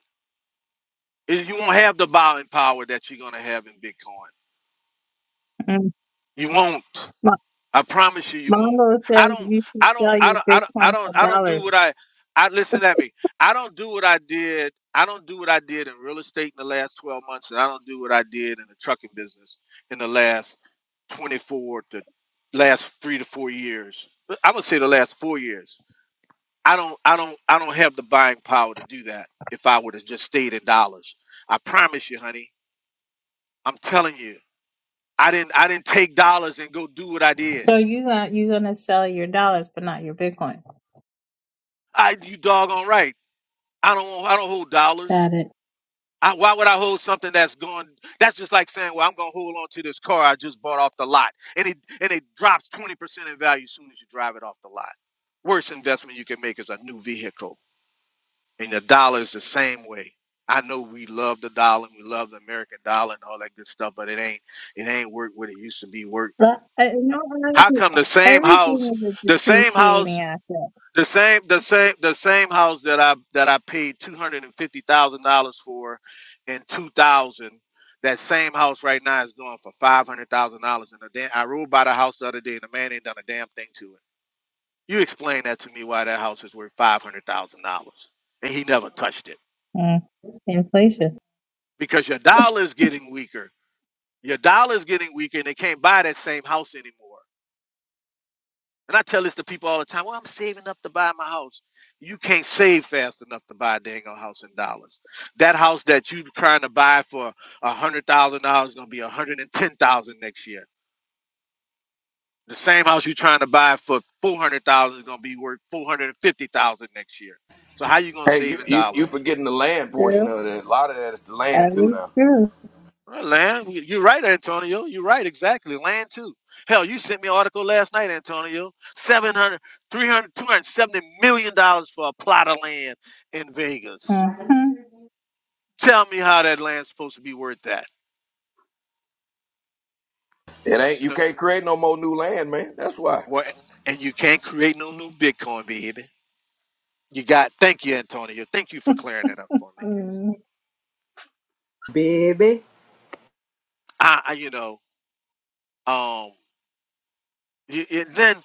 You won't have the buying power that you're going to have in Bitcoin. Mm. You won't. Mo- I promise you, you won't. Mongo says I don't. you should I don't. sell I your don't. I don't. I Bitcoin don't. for I don't do dollars. what I. I listen at me. I don't do what I did. I don't do what I did in real estate in the last 12 months, and I don't do what I did in the trucking business in the last 24 to last three to four years. I would say the last four years. I don't. I don't. I don't have the buying power to do that. If I would have just stayed in dollars, I promise you, honey. I'm telling you, I didn't. I didn't take dollars and go do what I did. So you got you're gonna sell your dollars, but not your Bitcoin. I you doggone right. I don't want, I don't hold dollars. Got it. I, why would I hold something that's going? That's just like saying, well, I'm gonna hold on to this car I just bought off the lot, and it and it drops twenty percent in value as soon as you drive it off the lot. Worst investment you can make is a new vehicle, and the dollar is the same way. I know we love the dollar, and we love the American dollar and all that good stuff, but it ain't it ain't worth what it used to be worth. But uh, in all How honesty, come the same house, everything is a the same house? depreciating asset. The same, the same, the same house that I that I paid two hundred and fifty thousand dollars for in two thousand. That same house right now is going for five hundred thousand dollars. And a damn, I rode by the house the other day, and the man ain't done a damn thing to it. You explain that to me why that house is worth five hundred thousand dollars, and he never touched it Mm, it's inflation. because your dollar is [LAUGHS] getting weaker. Your dollar is getting weaker, and they can't buy that same house anymore. And I tell this to people all the time. Well, I'm saving up to buy my house. You can't save fast enough to buy a dang old house in dollars. That house that you are trying to buy for a hundred thousand dollars is gonna be a hundred and ten thousand next year. The same house you're trying to buy for four hundred thousand is gonna be worth four hundred and fifty thousand next year. So how you gonna Hey, you save in you you dollars? forgetting the land portion True. of it. A lot of that is the That land too is now. true. Well, land, you- you're right, Antonio. You're right, exactly. Land too. Hell, you sent me an article last night, Antonio. Seven hundred, three hundred, two hundred seventy million dollars for a plot of land in Vegas. Uh-huh. Tell me how that land's supposed to be worth that. It ain't So you the- can't create no more new land, man. That's why. what? And you can't create no new Bitcoin, baby. You got. Thank you, Antonio. Thank you for clearing that up for me. Mm. baby. I, I you know, um, Y- y- then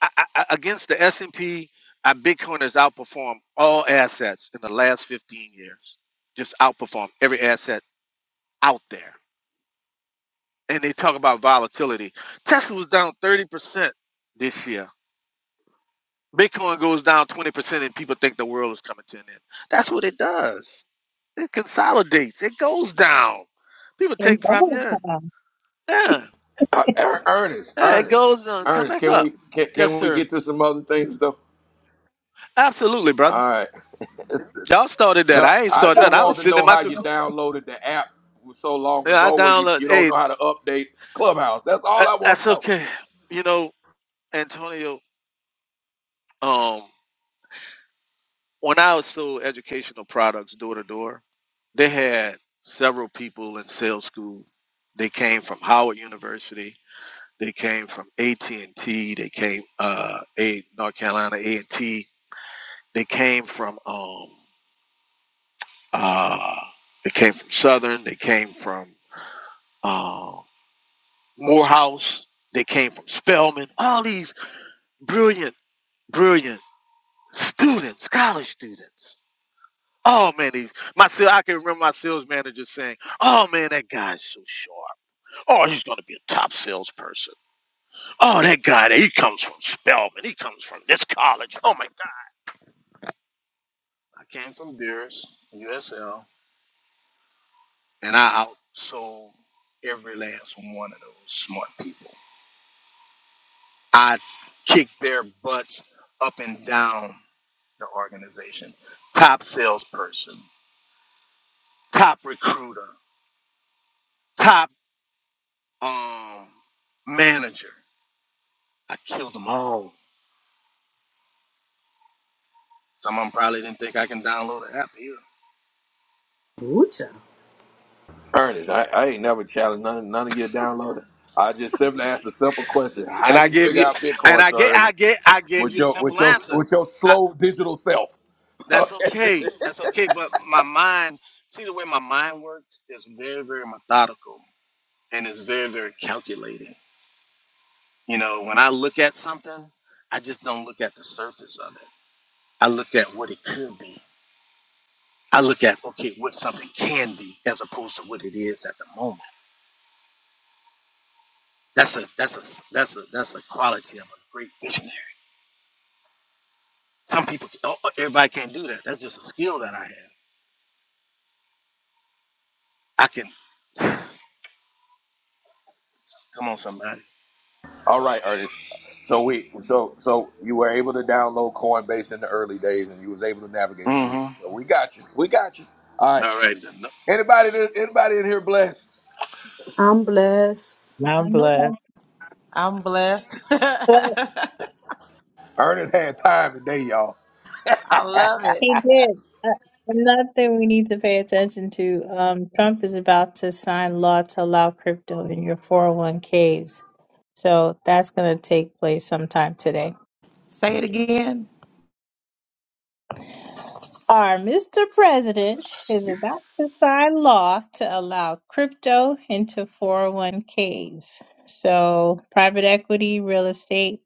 I, I, I- against the S&P, our Bitcoin has outperformed all assets in the last 15 years. Just outperformed every asset out there. And they talk about volatility. Tesla was down 30% this year. Bitcoin goes down 20% and people think the world is coming to an end. That's what it does. It consolidates. It goes down. People take It's profit. Yeah, volatile. yeah, Uh, Er- Ernest, yeah. It Ernest, goes down. Come Ernest, back can up. we can, Yes, can we sir. get to some other things though? Absolutely, brother. All right. Y'all started that. No, I ain't I started just nothing. I want was to sitting in know my how you cocoon. downloaded the app so long Yeah, I ago when you, download. you don't Hey, know how to update Clubhouse. That's all that- I want to that's know. okay. You know, Antonio. Um, when I was sold educational products door to door, they had several people in sales school. They came from Howard University. They came from AT and T. They came uh, a North Carolina A and T. They came from um, uh, they came from Southern. They came from um, Morehouse. They came from Spelman. All these brilliant, brilliant students, college students. Oh man, these, my sales, I can remember my sales manager saying, "Oh man, that guy's so sharp. Oh, he's going to be a top salesperson. Oh, that guy, he comes from Spelman. He comes from this college. Oh my God!" I came from Beers USL, and I outsold every last one of those smart people. I kicked their butts up and down the organization, top salesperson, top recruiter, top um manager. I killed them all. Some of them probably didn't think I can download an app either. Ooh cha. Ernest, I, I ain't never challenged none of none of you downloaded. I just simply asked a simple question: How And I you give figure you, out and Bitcoin I so get, early I get, I gave with you a your simple with your answer. with your I, slow digital self? that's [LAUGHS] okay. That's okay. But my mind, see the way my mind works is very, very methodical and it's very, very calculated. You know, when I look at something, I just don't look at the surface of it. I look at what it could be I look at okay what something can be as opposed to what it is at the moment. That's a that's a that's a that's a quality of a great visionary. Some people, oh, oh, everybody can't do that. That's just a skill that I have. I can come on somebody. All right, Ernest. So we so so you were able to download Coinbase in the early days, and you was able to navigate through. Mm-hmm. So we got you. We got you. All right. All right. Then. Anybody that- anybody in here blessed? I'm blessed. I I'm know blessed. that's I'm blessed. [LAUGHS] well. I Ernest had time today, y'all. love it. He did. Uh, another thing we need to pay attention to: um, Trump is about to sign law to allow crypto in your 401ks. So that's going to take place sometime today. Say it again. Our Mr. President is No- about to sign law to allow crypto into 401ks. So private equity, real estate,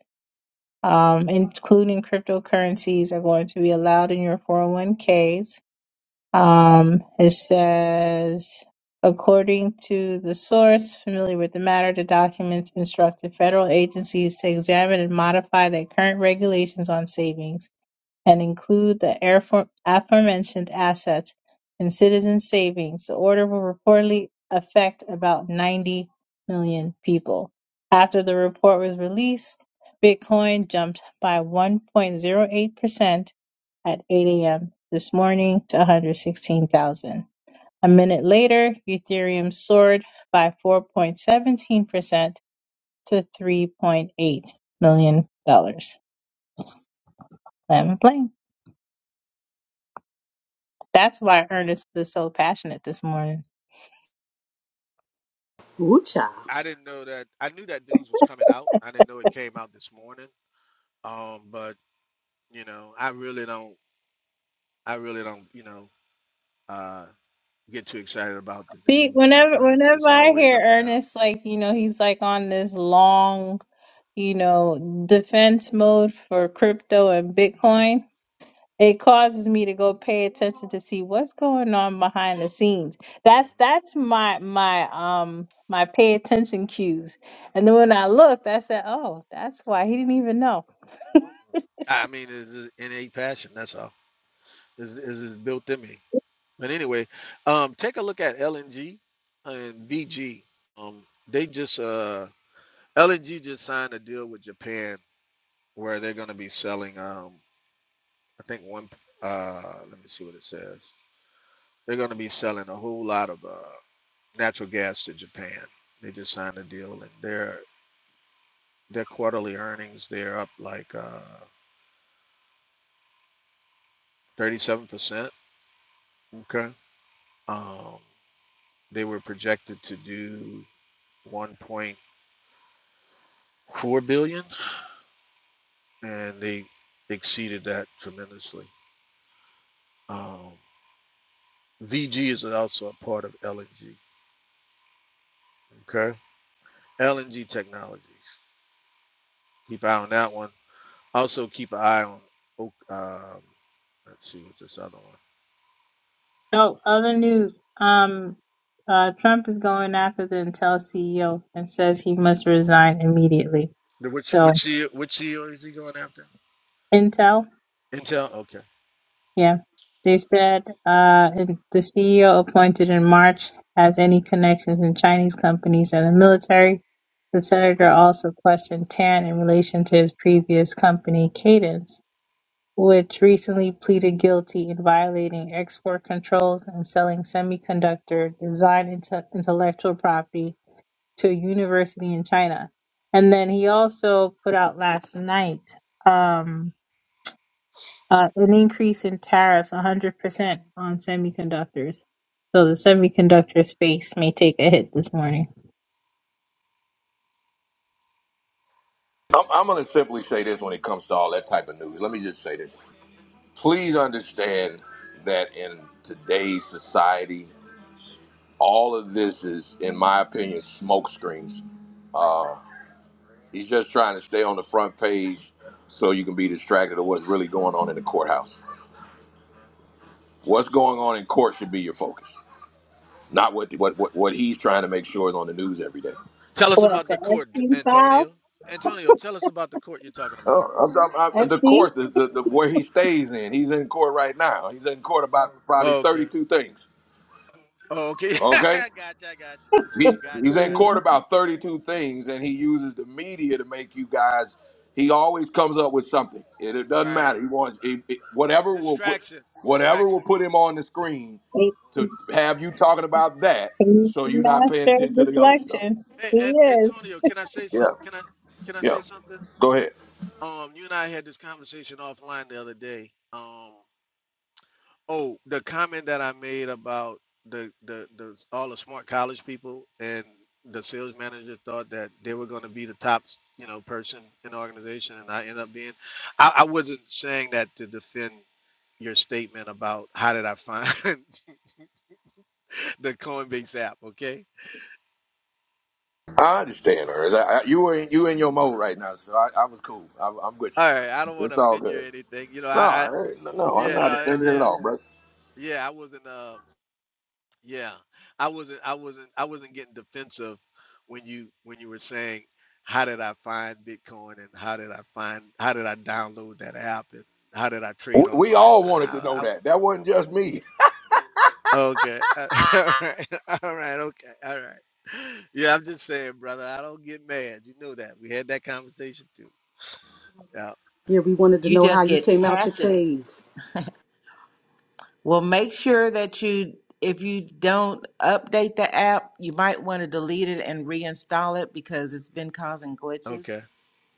um, including cryptocurrencies, are going to be allowed in your 401ks. Um, it says, according to the source familiar with the matter, the documents instructed federal agencies to examine and modify their current regulations on savings and include the airfo- aforementioned assets and citizen savings, the order will reportedly affect about 90 million people. After the report was released, Bitcoin jumped by 1.08% at 8 a.m. this morning to 116,000. A minute later, Ethereum soared by 4.17% to $3.8 million. dollars. That's why Ernest was so passionate this morning. Ooh cha. I didn't know that. I knew that news was coming out. I didn't know it came out this morning. Um, but you know, I really don't. I really don't. You know, uh, get too excited about the See, news whenever because whenever it's I always hear up and Ernest, down. like, you know, he's like on this long, you know, defense mode for crypto and Bitcoin, it causes me to go pay attention to see what's going on behind the scenes. That's that's my my um my pay attention cues. And then when I looked, I said, Oh, that's why he didn't even know. I mean, it's an innate passion. That's all. It's, it's, it's built in me. But anyway, um, take a look at LNG and VG. Um, they just uh, LNG just signed a deal with Japan where they're going to be selling. Um, I think one. Uh, let me see what it says. They're going to be selling a whole lot of uh, natural gas to Japan. They just signed a deal, and their their quarterly earnings they're up like uh, 37%. Okay. Um, They were projected to do 1.4 billion, dollars, and they exceeded that tremendously. Um, VG is also a part of LNG. Okay, LNG Technologies. Keep an eye on that one. Also, keep an eye on. oh, Um, let's see, what's this other one? So, other news. Um, uh, Trump is going after the Intel CEO and says he must resign immediately. Which So, which CEO, which CEO is he going after? Intel, Intel. Okay. yeah, they said uh, and the CEO appointed in March has any connections in Chinese companies and the military. The senator Uh-huh. also questioned Tan in relation to his previous company, Cadence, which recently pleaded guilty in violating export controls and selling semiconductor design inte- intellectual property to a university in China. And then he also put out last night um, uh, an increase in tariffs 100% on semiconductors. So the semiconductor space may take a hit this morning. I'm, I'm gonna simply say this when it comes to all that type of news. Let me just say this. Please understand that in today's society, all of this is, in my opinion, smoke screens. He's just trying to stay on the front page so you can be distracted of what's really going on in the courthouse What's going on in court should be your focus, not what what what, what he's trying to make sure is on the news every day. Tell us What, about the the court, Epstein Antonio. files? Antonio, tell us about the court you're talking Oh, about. I'm talking about the Epstein? course, the, the, the where he stays in. He's in court right now. He's in court about probably Oh, Okay. 32 things. Oh, okay. Okay, [LAUGHS] gotcha, gotcha. he Gotcha, he's in gotcha. court about 32 things, and he uses the media to make you guys. He always comes up with something. It, it doesn't Right. matter. He wants it, it- whatever will put Distraction. whatever will Distraction. put him on the screen to have you talking about that, He's so the Mhm, you're not mhm. paying master attention of to the other stuff. deflection. Hey, He and is. Antonio, can I say some Yeah. can I can I Yeah, say something? go ahead. Um, you and I had this conversation offline the other day. Um, oh, the comment that I made about the the, the all the smart college people and the sales manager thought that they were going to be the top, you know, person in the organization, and I ended up being. I, I wasn't saying that to defend your statement about how did I find [LAUGHS] the Coinbase app, okay? I understand her. I, I, you were in, you in your mode right now, so I, I was cool. I, I'm with All right, I don't you. want It's to all offend you or good. anything. You know, No, I, I I ain't, no, I'm yeah, not no, understanding it at yeah, all, bro. yeah, I wasn't um yeah. I wasn't I wasn't I wasn't getting defensive when you when you were saying how did I find Bitcoin and how did I find how did I download that app and how did I We, trade we online? all I, wanted to know I, that. That wasn't just me. I okay. [LAUGHS] All right. All right. Okay. All right. Yeah, I'm just saying, brother. I don't get mad. You know that. We had that conversation too. Yeah. Yeah, we wanted to you know how just you get came out your passionate. cave. Well, make sure that you, if you don't update the app, you might want to delete it and reinstall it because it's been causing glitches. Okay.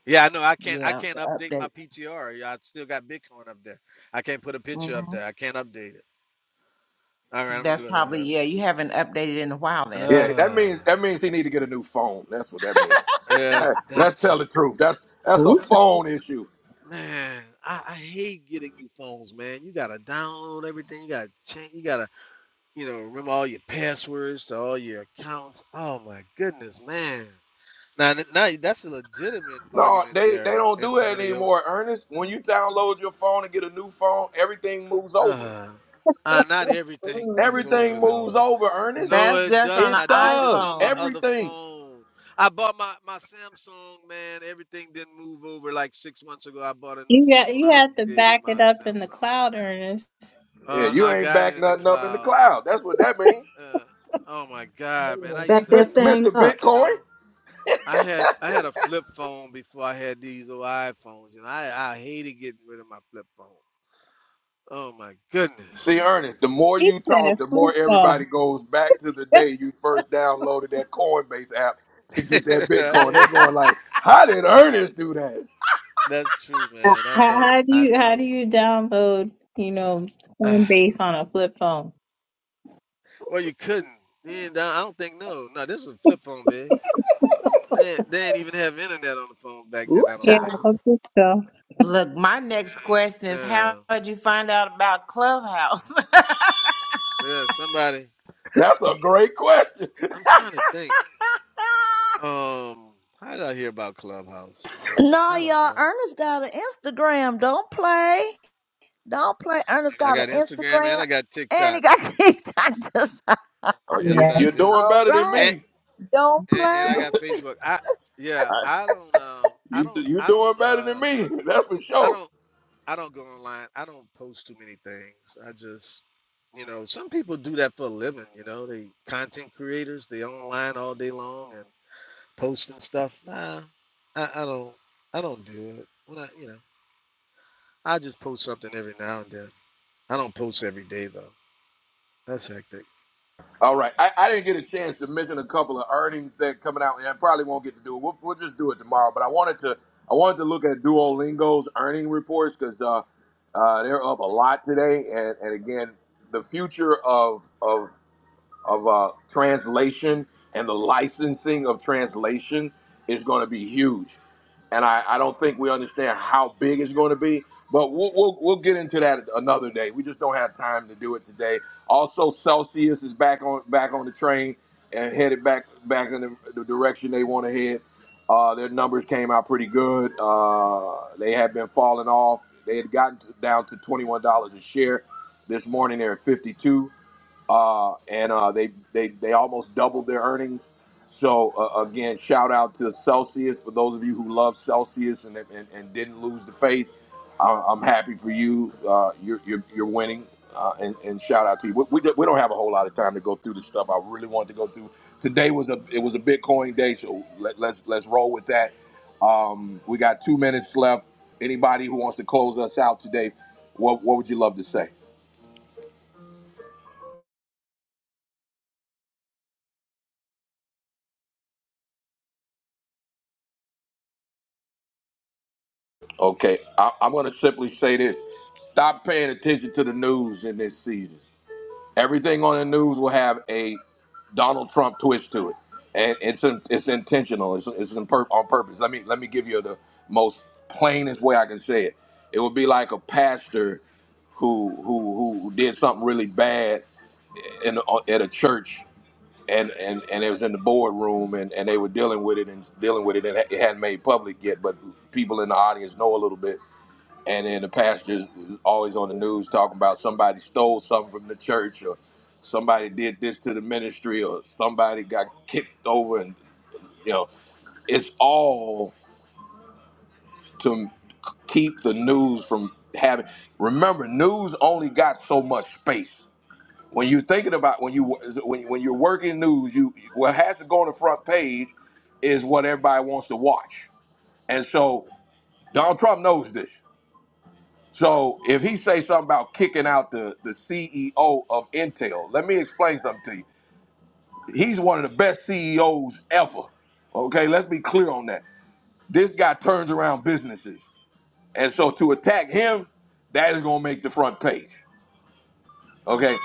Yeah, I know. I can't. I Yeah, can't the update my update. PTR. Yeah, I still got Bitcoin up there. I can't put a picture up hmm there. I can't update it. All right, I'm gonna That's go probably, to yeah, you haven't updated in a while that. then. Yeah, that Uh, means that means he need to get a new phone. That's what that means. yeah, Hey, let's tell that's the truth. man. That's that's a Ooh cha. phone issue. Man, I, I hate getting new phones, man. You gotta download everything. You gotta change. You gotta, you know, remember all your passwords to all your accounts. Oh my goodness, man. Now, th- now that's a legitimate No, argument they they there, don't do that Antonio. anymore, Ernest. When you download your phone and get a new phone, everything moves over. Uh, uh, not [LAUGHS] everything moves Everything over moves though. over, Ernest. No, That's it just on doesn't. It an I did this does. on my iPhone. other Everything. phone. I bought my, my Samsung, man. Everything didn't move over like six months ago. I bought a new you got phone. you I have to upgraded back it my up in the Samsung. cloud, Ernest. Yeah, Uh, you I ain't got back it in the nothing up in the cloud. cloud. That's what that means. Uh, oh my God, man. I used Back to, Mr. that thing Mr. up. you Bitcoin. know, I had I had a flip phone before I had these old iPhones. You know, I, I hated getting rid of my flip phone. Oh my See, goodness. Ernest, the more He you said, talk, the more "Please God." everybody goes back to the [LAUGHS] day you first downloaded that Coinbase app to get that [LAUGHS] Bitcoin. They're [LAUGHS] going like, how did Ernest do that? That's true, How, man. I know. how do I you how do know. you download you know [SIGHS] Coinbase on a flip phone? Well, you couldn't. Yeah, no, I don't think no. No, this is a flip phone, big. They they didn't even have internet on the phone back Ooh then. I don't Yeah, cha. think. I think so. Look, my next question is how No. did you find out about Clubhouse? Yeah, somebody. That's a great question. I'm trying to think. Um, how did I hear about Clubhouse? No, I don't y'all, know. Ernest got an Instagram. Don't play. Don't play. Ernest I got an got Instagram and Instagram. I got And he TikTok. got [LAUGHS] kicked. I Uh, you, Yes, I you're do. doing All better than right. And me. Don't and, and I play. got Facebook. I yeah. I, I don't. Um. I you, don't. you're I doing don't. better than Uh. me. [LAUGHS] That's for I sure. don't. I don't go online. I don't post too many things. I just, you know, some people do that for a living. You know, they content creators. They online all day long and posting stuff. Nah, I, I don't. I don't do it. When I, you know, I just post something every now and then. I don't post every day though. That's hectic. All right. I, I didn't get a chance to mention a couple of earnings that coming out, and I probably won't get to do it. We'll, we'll just do it tomorrow. But I wanted to I wanted to look at Duolingo's earning reports because uh, uh, they're up a lot today, and, and again, the future of of of uh, translation and the licensing of translation is going to be huge. And I, I don't think we understand how big it's going to be, but we'll, we'll, we'll get into that another day. We just don't have time to do it today. Also, Celsius is back on back on the train and headed back back in the, the direction they want to head. Uh, their numbers came out pretty good. Uh, they had been falling off. They had gotten to, down to twenty one dollars a share. This morning they're at fifty two uh, and uh, they, they they almost doubled their earnings. So uh, again, shout out to Celsius for those of you who love Celsius and and, and didn't lose the faith. I- I'm happy for you. Uh, you're, you're you're winning, uh, and, and shout out to you. We, we, do, we don't have a whole lot of time to go through the stuff I really wanted to go through. Today was a it was a Bitcoin day, so let, let's let's roll with that. Um, we got two minutes left. Anybody who wants to close us out today, what what would you love to say? Okay, I, I'm going to simply say this: stop paying attention to the news in this season. Everything on the news will have a Donald Trump twist to it, and it's in, it's intentional. It's, it's in pur- on purpose. Let me let me give you the most plainest way I can say it. It would be like a pastor who who who did something really bad in at a church, and and and it was in the boardroom, and and they were dealing with it and dealing with it, and it hadn't made public yet, but people in the audience know a little bit and then the pastor is always on the news talking about somebody stole something from the church or somebody did this to the ministry or somebody got kicked over and you know it's all to keep the news from having remember news only got so much space when you're thinking about when you when, when you're working news you what has to go on the front page is what everybody wants to watch and so donald trump knows this So if he say something about kicking out the, the CEO of Intel, let me explain something to you. He's one of the best CEOs ever. Okay, let's be clear on that. This guy turns around businesses. And so to attack him, that is gonna make the front page. Okay?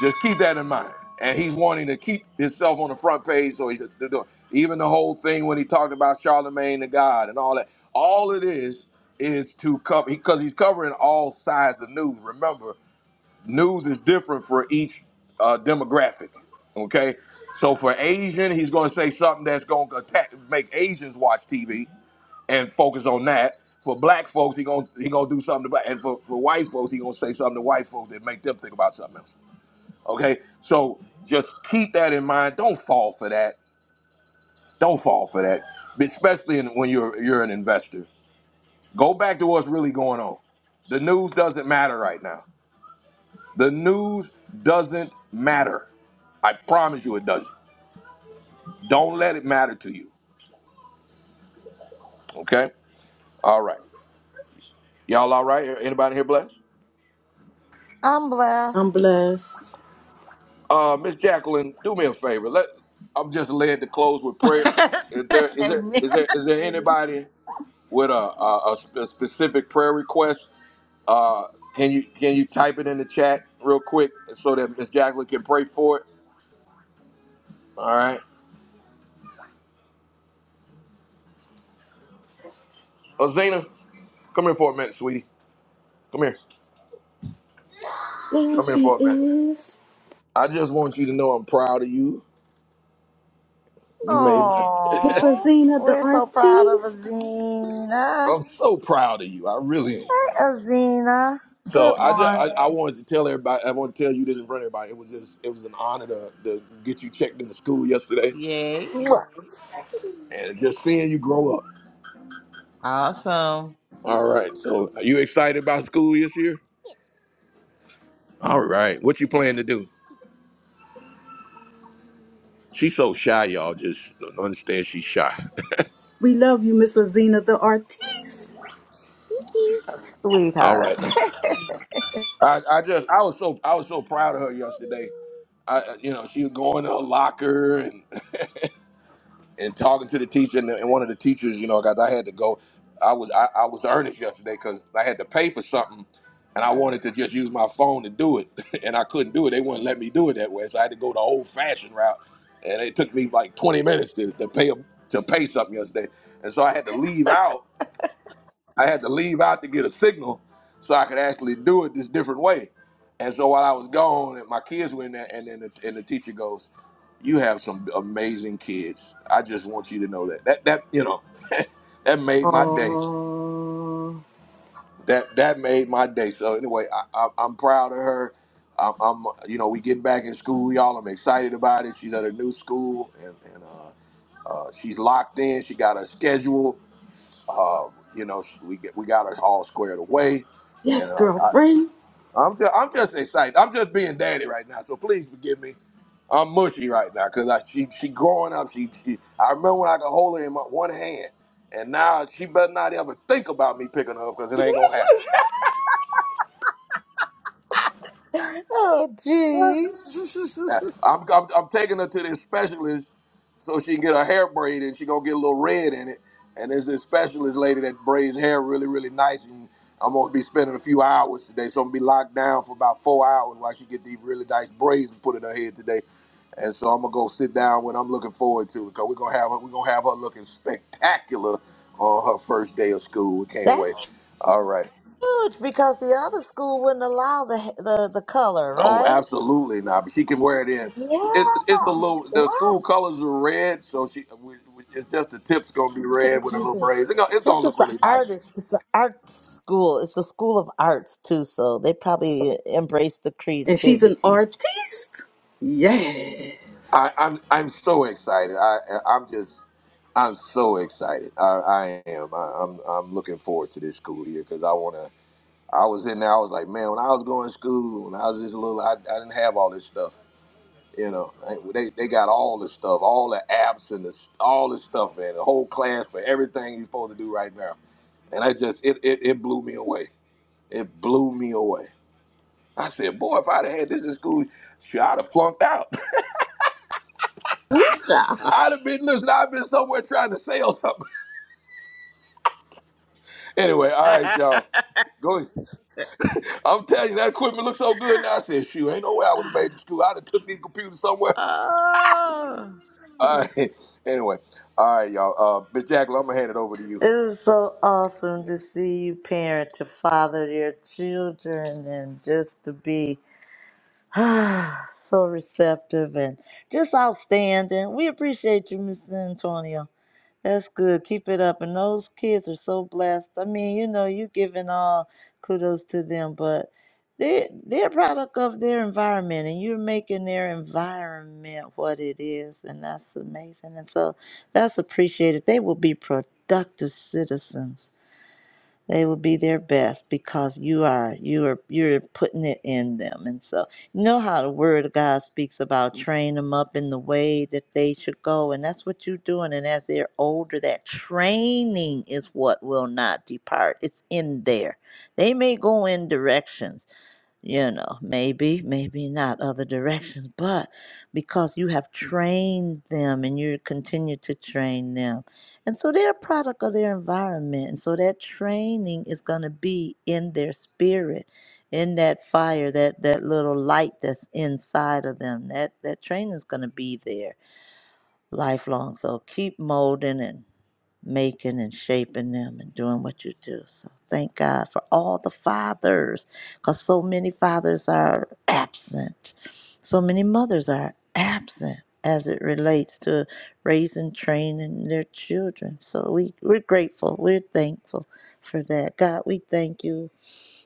Just keep that in mind. And he's wanting to keep himself on the front page, so he's they're doing- even the whole thing when he talked about Charlemagne the God and all that. All it is is to cover because he's covering all sides of news. Remember, news is different for each uh, demographic. Okay, so for Asian, he's going to say something that's going to attack, make Asians watch TV and focus on that. For black folks, he going to he going to do something to black, and for, for white folks, he going to say something to white folks that make them think about something else. Okay, so just keep that in mind. Don't fall for that. Don't fall for that, especially in, when you're you're an investor. Go back to what's really going on. The news doesn't matter right now. The news doesn't matter. I promise you it doesn't. Don't let it matter to you. Okay? All right. Y'all all right? Anybody here blessed? I'm I'm blessed. blessed. Uh Miss Jacqueline, do me a favor. Let I'm just led to close with prayer. [LAUGHS] Is there is there Amen. is there is there anybody with a a, a sp- a specific prayer request? Uh can you can you type it in the chat real quick so that Miss Jacqueline can pray for it? All right. Oh Zena, come here for a minute, sweetie. Come here. There Come here she for a minute. is. I just want you to know I'm proud of you. You made my. Miss Oh, Azina the we're so proud of artiste. Azina. I'm so proud of you. I really am. Hi, Azina. So Good I just I, morning, I wanted to tell everybody. I want to tell you this in front of everybody. It was just it was an honor to, to get you checked into school yesterday, Yay. and just seeing you grow up. Awesome. All right. So are you excited about school this year? All right. What you plan to do? She's so shy, y'all. Just understand she's shy. We love you, Miss Azina the artiste. [LAUGHS] All right. sweetheart. I, I just I was so I was so proud of her yesterday. I I- you know she was going to her locker and. and talking to the teacher and, and one of the teachers, you know, guys, I had to go. I was I, I was earnest yesterday because I had to pay for something, and I wanted to just use my phone to do it, [LAUGHS] and I couldn't do it. They wouldn't let me do it that way, so I had to go the old fashioned route, and it took me like 20 minutes to, to pay a, to pay something yesterday, and so I had to leave out. I had to leave out to get a signal so I could actually do it this different way. And so while I was gone, and my kids were in there, and then the, and the teacher goes, "You have some amazing kids. I just want you to know that that that you know [LAUGHS] that made my day. Aww. That that made my day. So anyway, I, I, I'm proud of her. I'm, I'm you know we getting back in school, y'all. I'm excited about it. She's at a new school, and, and uh, uh, she's locked in. She got her schedule uh, you know, we get, we got it all squared away, Yes, and uh, I, girlfriend. I'm just I'm just excited. I'm just being daddy right now, so please forgive me. I'm mushy right now because I she she growing up. She, she I remember when I could hold her in my one hand, and now she better not ever think about me picking her up because it [LAUGHS] ain't gonna [LAUGHS] oh, I'm, jeez. I'm, I'm taking her to this specialist so she can get her hair braided. She gonna get a little red in it. And there's this specialist lady that braids hair really, really nice. And I'm gonna be spending a few hours today. So I'm gonna be locked down for about four hours while she get these really nice braids and put in her head today. And so I'm gonna go sit down when I'm looking forward to it. Cause we're gonna have her, we're gonna have her looking spectacular on her first day of school. We [LAUGHS] can't wait. That's All right. huge because the other school wouldn't allow the the, the color, Oh, right? absolutely not. But she can wear it in. It's it's a Yes. little. Wow. The school colors are red, so she. We, we, it's just the tips gonna be Good red with a to little this. braids. It's gonna, it's gonna Plus, look it's an really nice. artist. It's an art school. It's a school of arts too, so they probably embrace the And she's an creativity. artiste. I, Yes. I'm I'm so excited. I I'm just I'm so excited. I, I am. I, I'm I'm looking forward to this school year because I wanna. I was in there. I was like, man, when I was going to school, when I was just a little, I, I didn't have all this stuff. You know, I- they they got all the stuff, all the apps and the all the stuff, man. The whole class for everything you're supposed to do right now. And I just it it, it blew me away. It blew me away. I said, boy, if I'd have had this in school, shoot, I'd have flunked out. Ooh, [LAUGHS] child. I'd have been listen, I'd been somewhere trying to sell something. [LAUGHS] Anyway, all right, y'all. Go ahead. [LAUGHS] I'm telling you, that equipment looks so good now. I said, shoot, ain't no way I would have made the school. I'd have took these computers somewhere. Oh. [LAUGHS] All right. Anyway. All right, y'all. Uh Miss Jackal, I'm gonna hand it over to you. It is so awesome to see you parent to father your children and just to be [SIGHS] so receptive and just outstanding. We appreciate you, Mr. Antonio. That's good. Keep it up. And those kids are so blessed. I mean, you know, you giving all kudos to them, but they they're a product of their environment and you're making their environment what it is, and that's amazing. And so that's appreciated. They will be productive citizens they will be their best because you are you are you're putting it in them and so you know how the word of god speaks about train them up in the way that they should go and that's what you're doing and as they're older that training is what will not depart it's in there they may go in directions you know, maybe, maybe not other directions, but because you have trained them and you continue to train them. And so they're a product of their environment. And so that training is going to be in their spirit, in that fire, that, that little light that's inside of them. That, that training is going to be there lifelong. So keep molding and making and shaping them and doing what you do. So thank God for all the fathers, because so many fathers are absent. So many mothers are absent as it relates to raising, training their children. So we, we're grateful. We're thankful for that. God, we thank you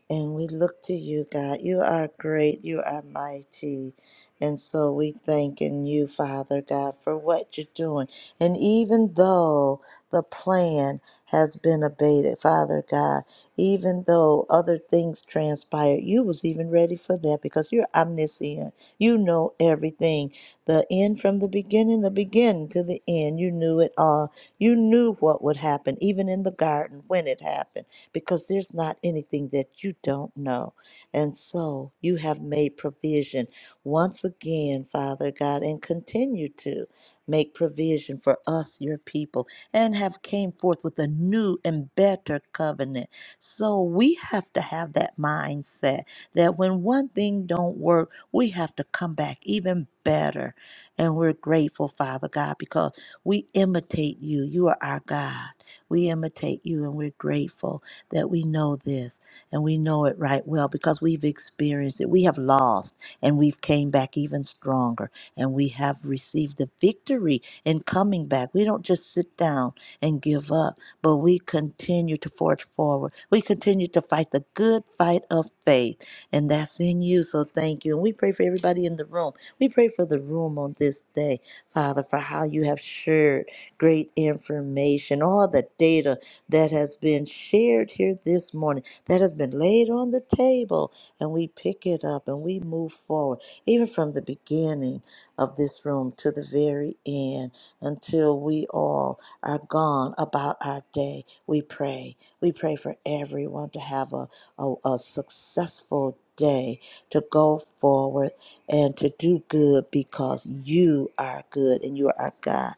and we look to you, God. You are great. You are mighty. And so we thanking you, Father God, for what you're doing. And even though the plan has been abated, Father God, even though other things transpired, you was even ready for that because you're omniscient. You know everything. The end from the beginning, the beginning to the end. You knew it all. You knew what would happen, even in the garden when it happened because there's not anything that you don't know. And so you have made provision once again, Father God, and continue to make provision for us, your people, and have came forth with a new and better covenant. So we have to have that mindset that when one thing don't work, we have to come back even better. And we're grateful, Father God, because we imitate you. You are our God. We imitate you and we're grateful that we know this and we know it right well because we've experienced it. We have lost and we've came back even stronger and we have received the victory in coming back. We don't just sit down and give up, but we continue to forge forward. We continue to fight the good fight of faith and that's in you. So thank you. And we pray for everybody in the room. We pray for the room on this day, Father, for how you have shared great information, all the data that has been shared here this morning, that has been laid on the table, and we pick it up and we move forward, even from the beginning of this room to the very end, until we all are gone about our day. We pray. We pray for everyone to have a, a, a successful day, to go forward and to do good because you are good and you are our God.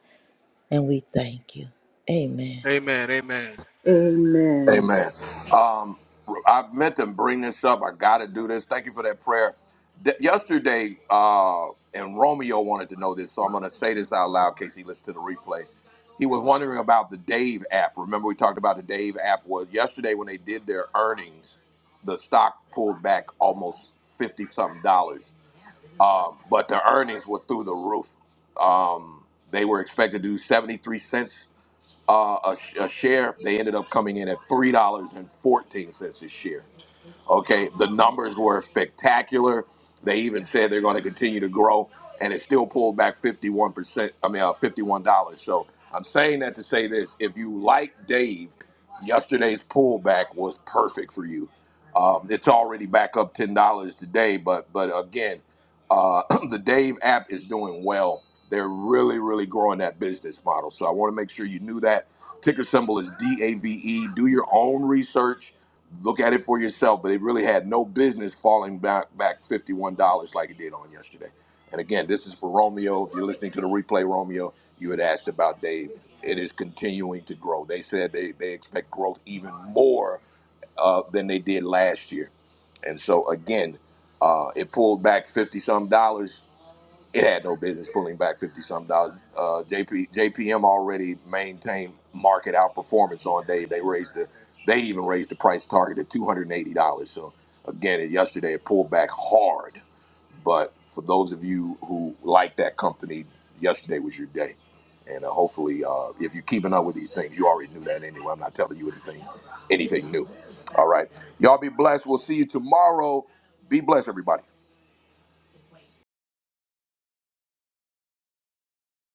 And we thank you. Amen. Amen. Amen. Amen. Amen. Um, I meant to bring this up. I got to do this. Thank you for that prayer. D- yesterday, uh, and Romeo wanted to know this, so I'm going to say this out loud in case he listens to the replay. He was wondering about the Dave app. Remember, we talked about the Dave app. Well, yesterday when they did their earnings, the stock pulled back almost fifty something dollars, um, but the earnings were through the roof. Um, they were expected to do seventy three cents uh, a, a share. They ended up coming in at three dollars and fourteen cents a share. Okay, the numbers were spectacular. They even said they're going to continue to grow, and it still pulled back 51%. I mean, uh, $51. So I'm saying that to say this if you like Dave, yesterday's pullback was perfect for you. Um, it's already back up $10 today, but, but again, uh, [CLEARS THROAT] the Dave app is doing well. They're really, really growing that business model. So I want to make sure you knew that. Ticker symbol is DAVE. Do your own research Look at it for yourself, but it really had no business falling back back fifty one dollars like it did on yesterday. And again, this is for Romeo. If you're listening to the replay, Romeo, you had asked about Dave. It is continuing to grow. They said they, they expect growth even more uh, than they did last year. And so again, uh, it pulled back fifty some dollars it had no business pulling back fifty some dollars. Uh, JP JPM already maintained market outperformance on day. They raised the they even raised the price target to two hundred and eighty dollars. So again, it, yesterday it pulled back hard. But for those of you who like that company, yesterday was your day. And uh, hopefully, uh, if you're keeping up with these things, you already knew that anyway. I'm not telling you anything, anything new. All right, y'all be blessed. We'll see you tomorrow. Be blessed, everybody.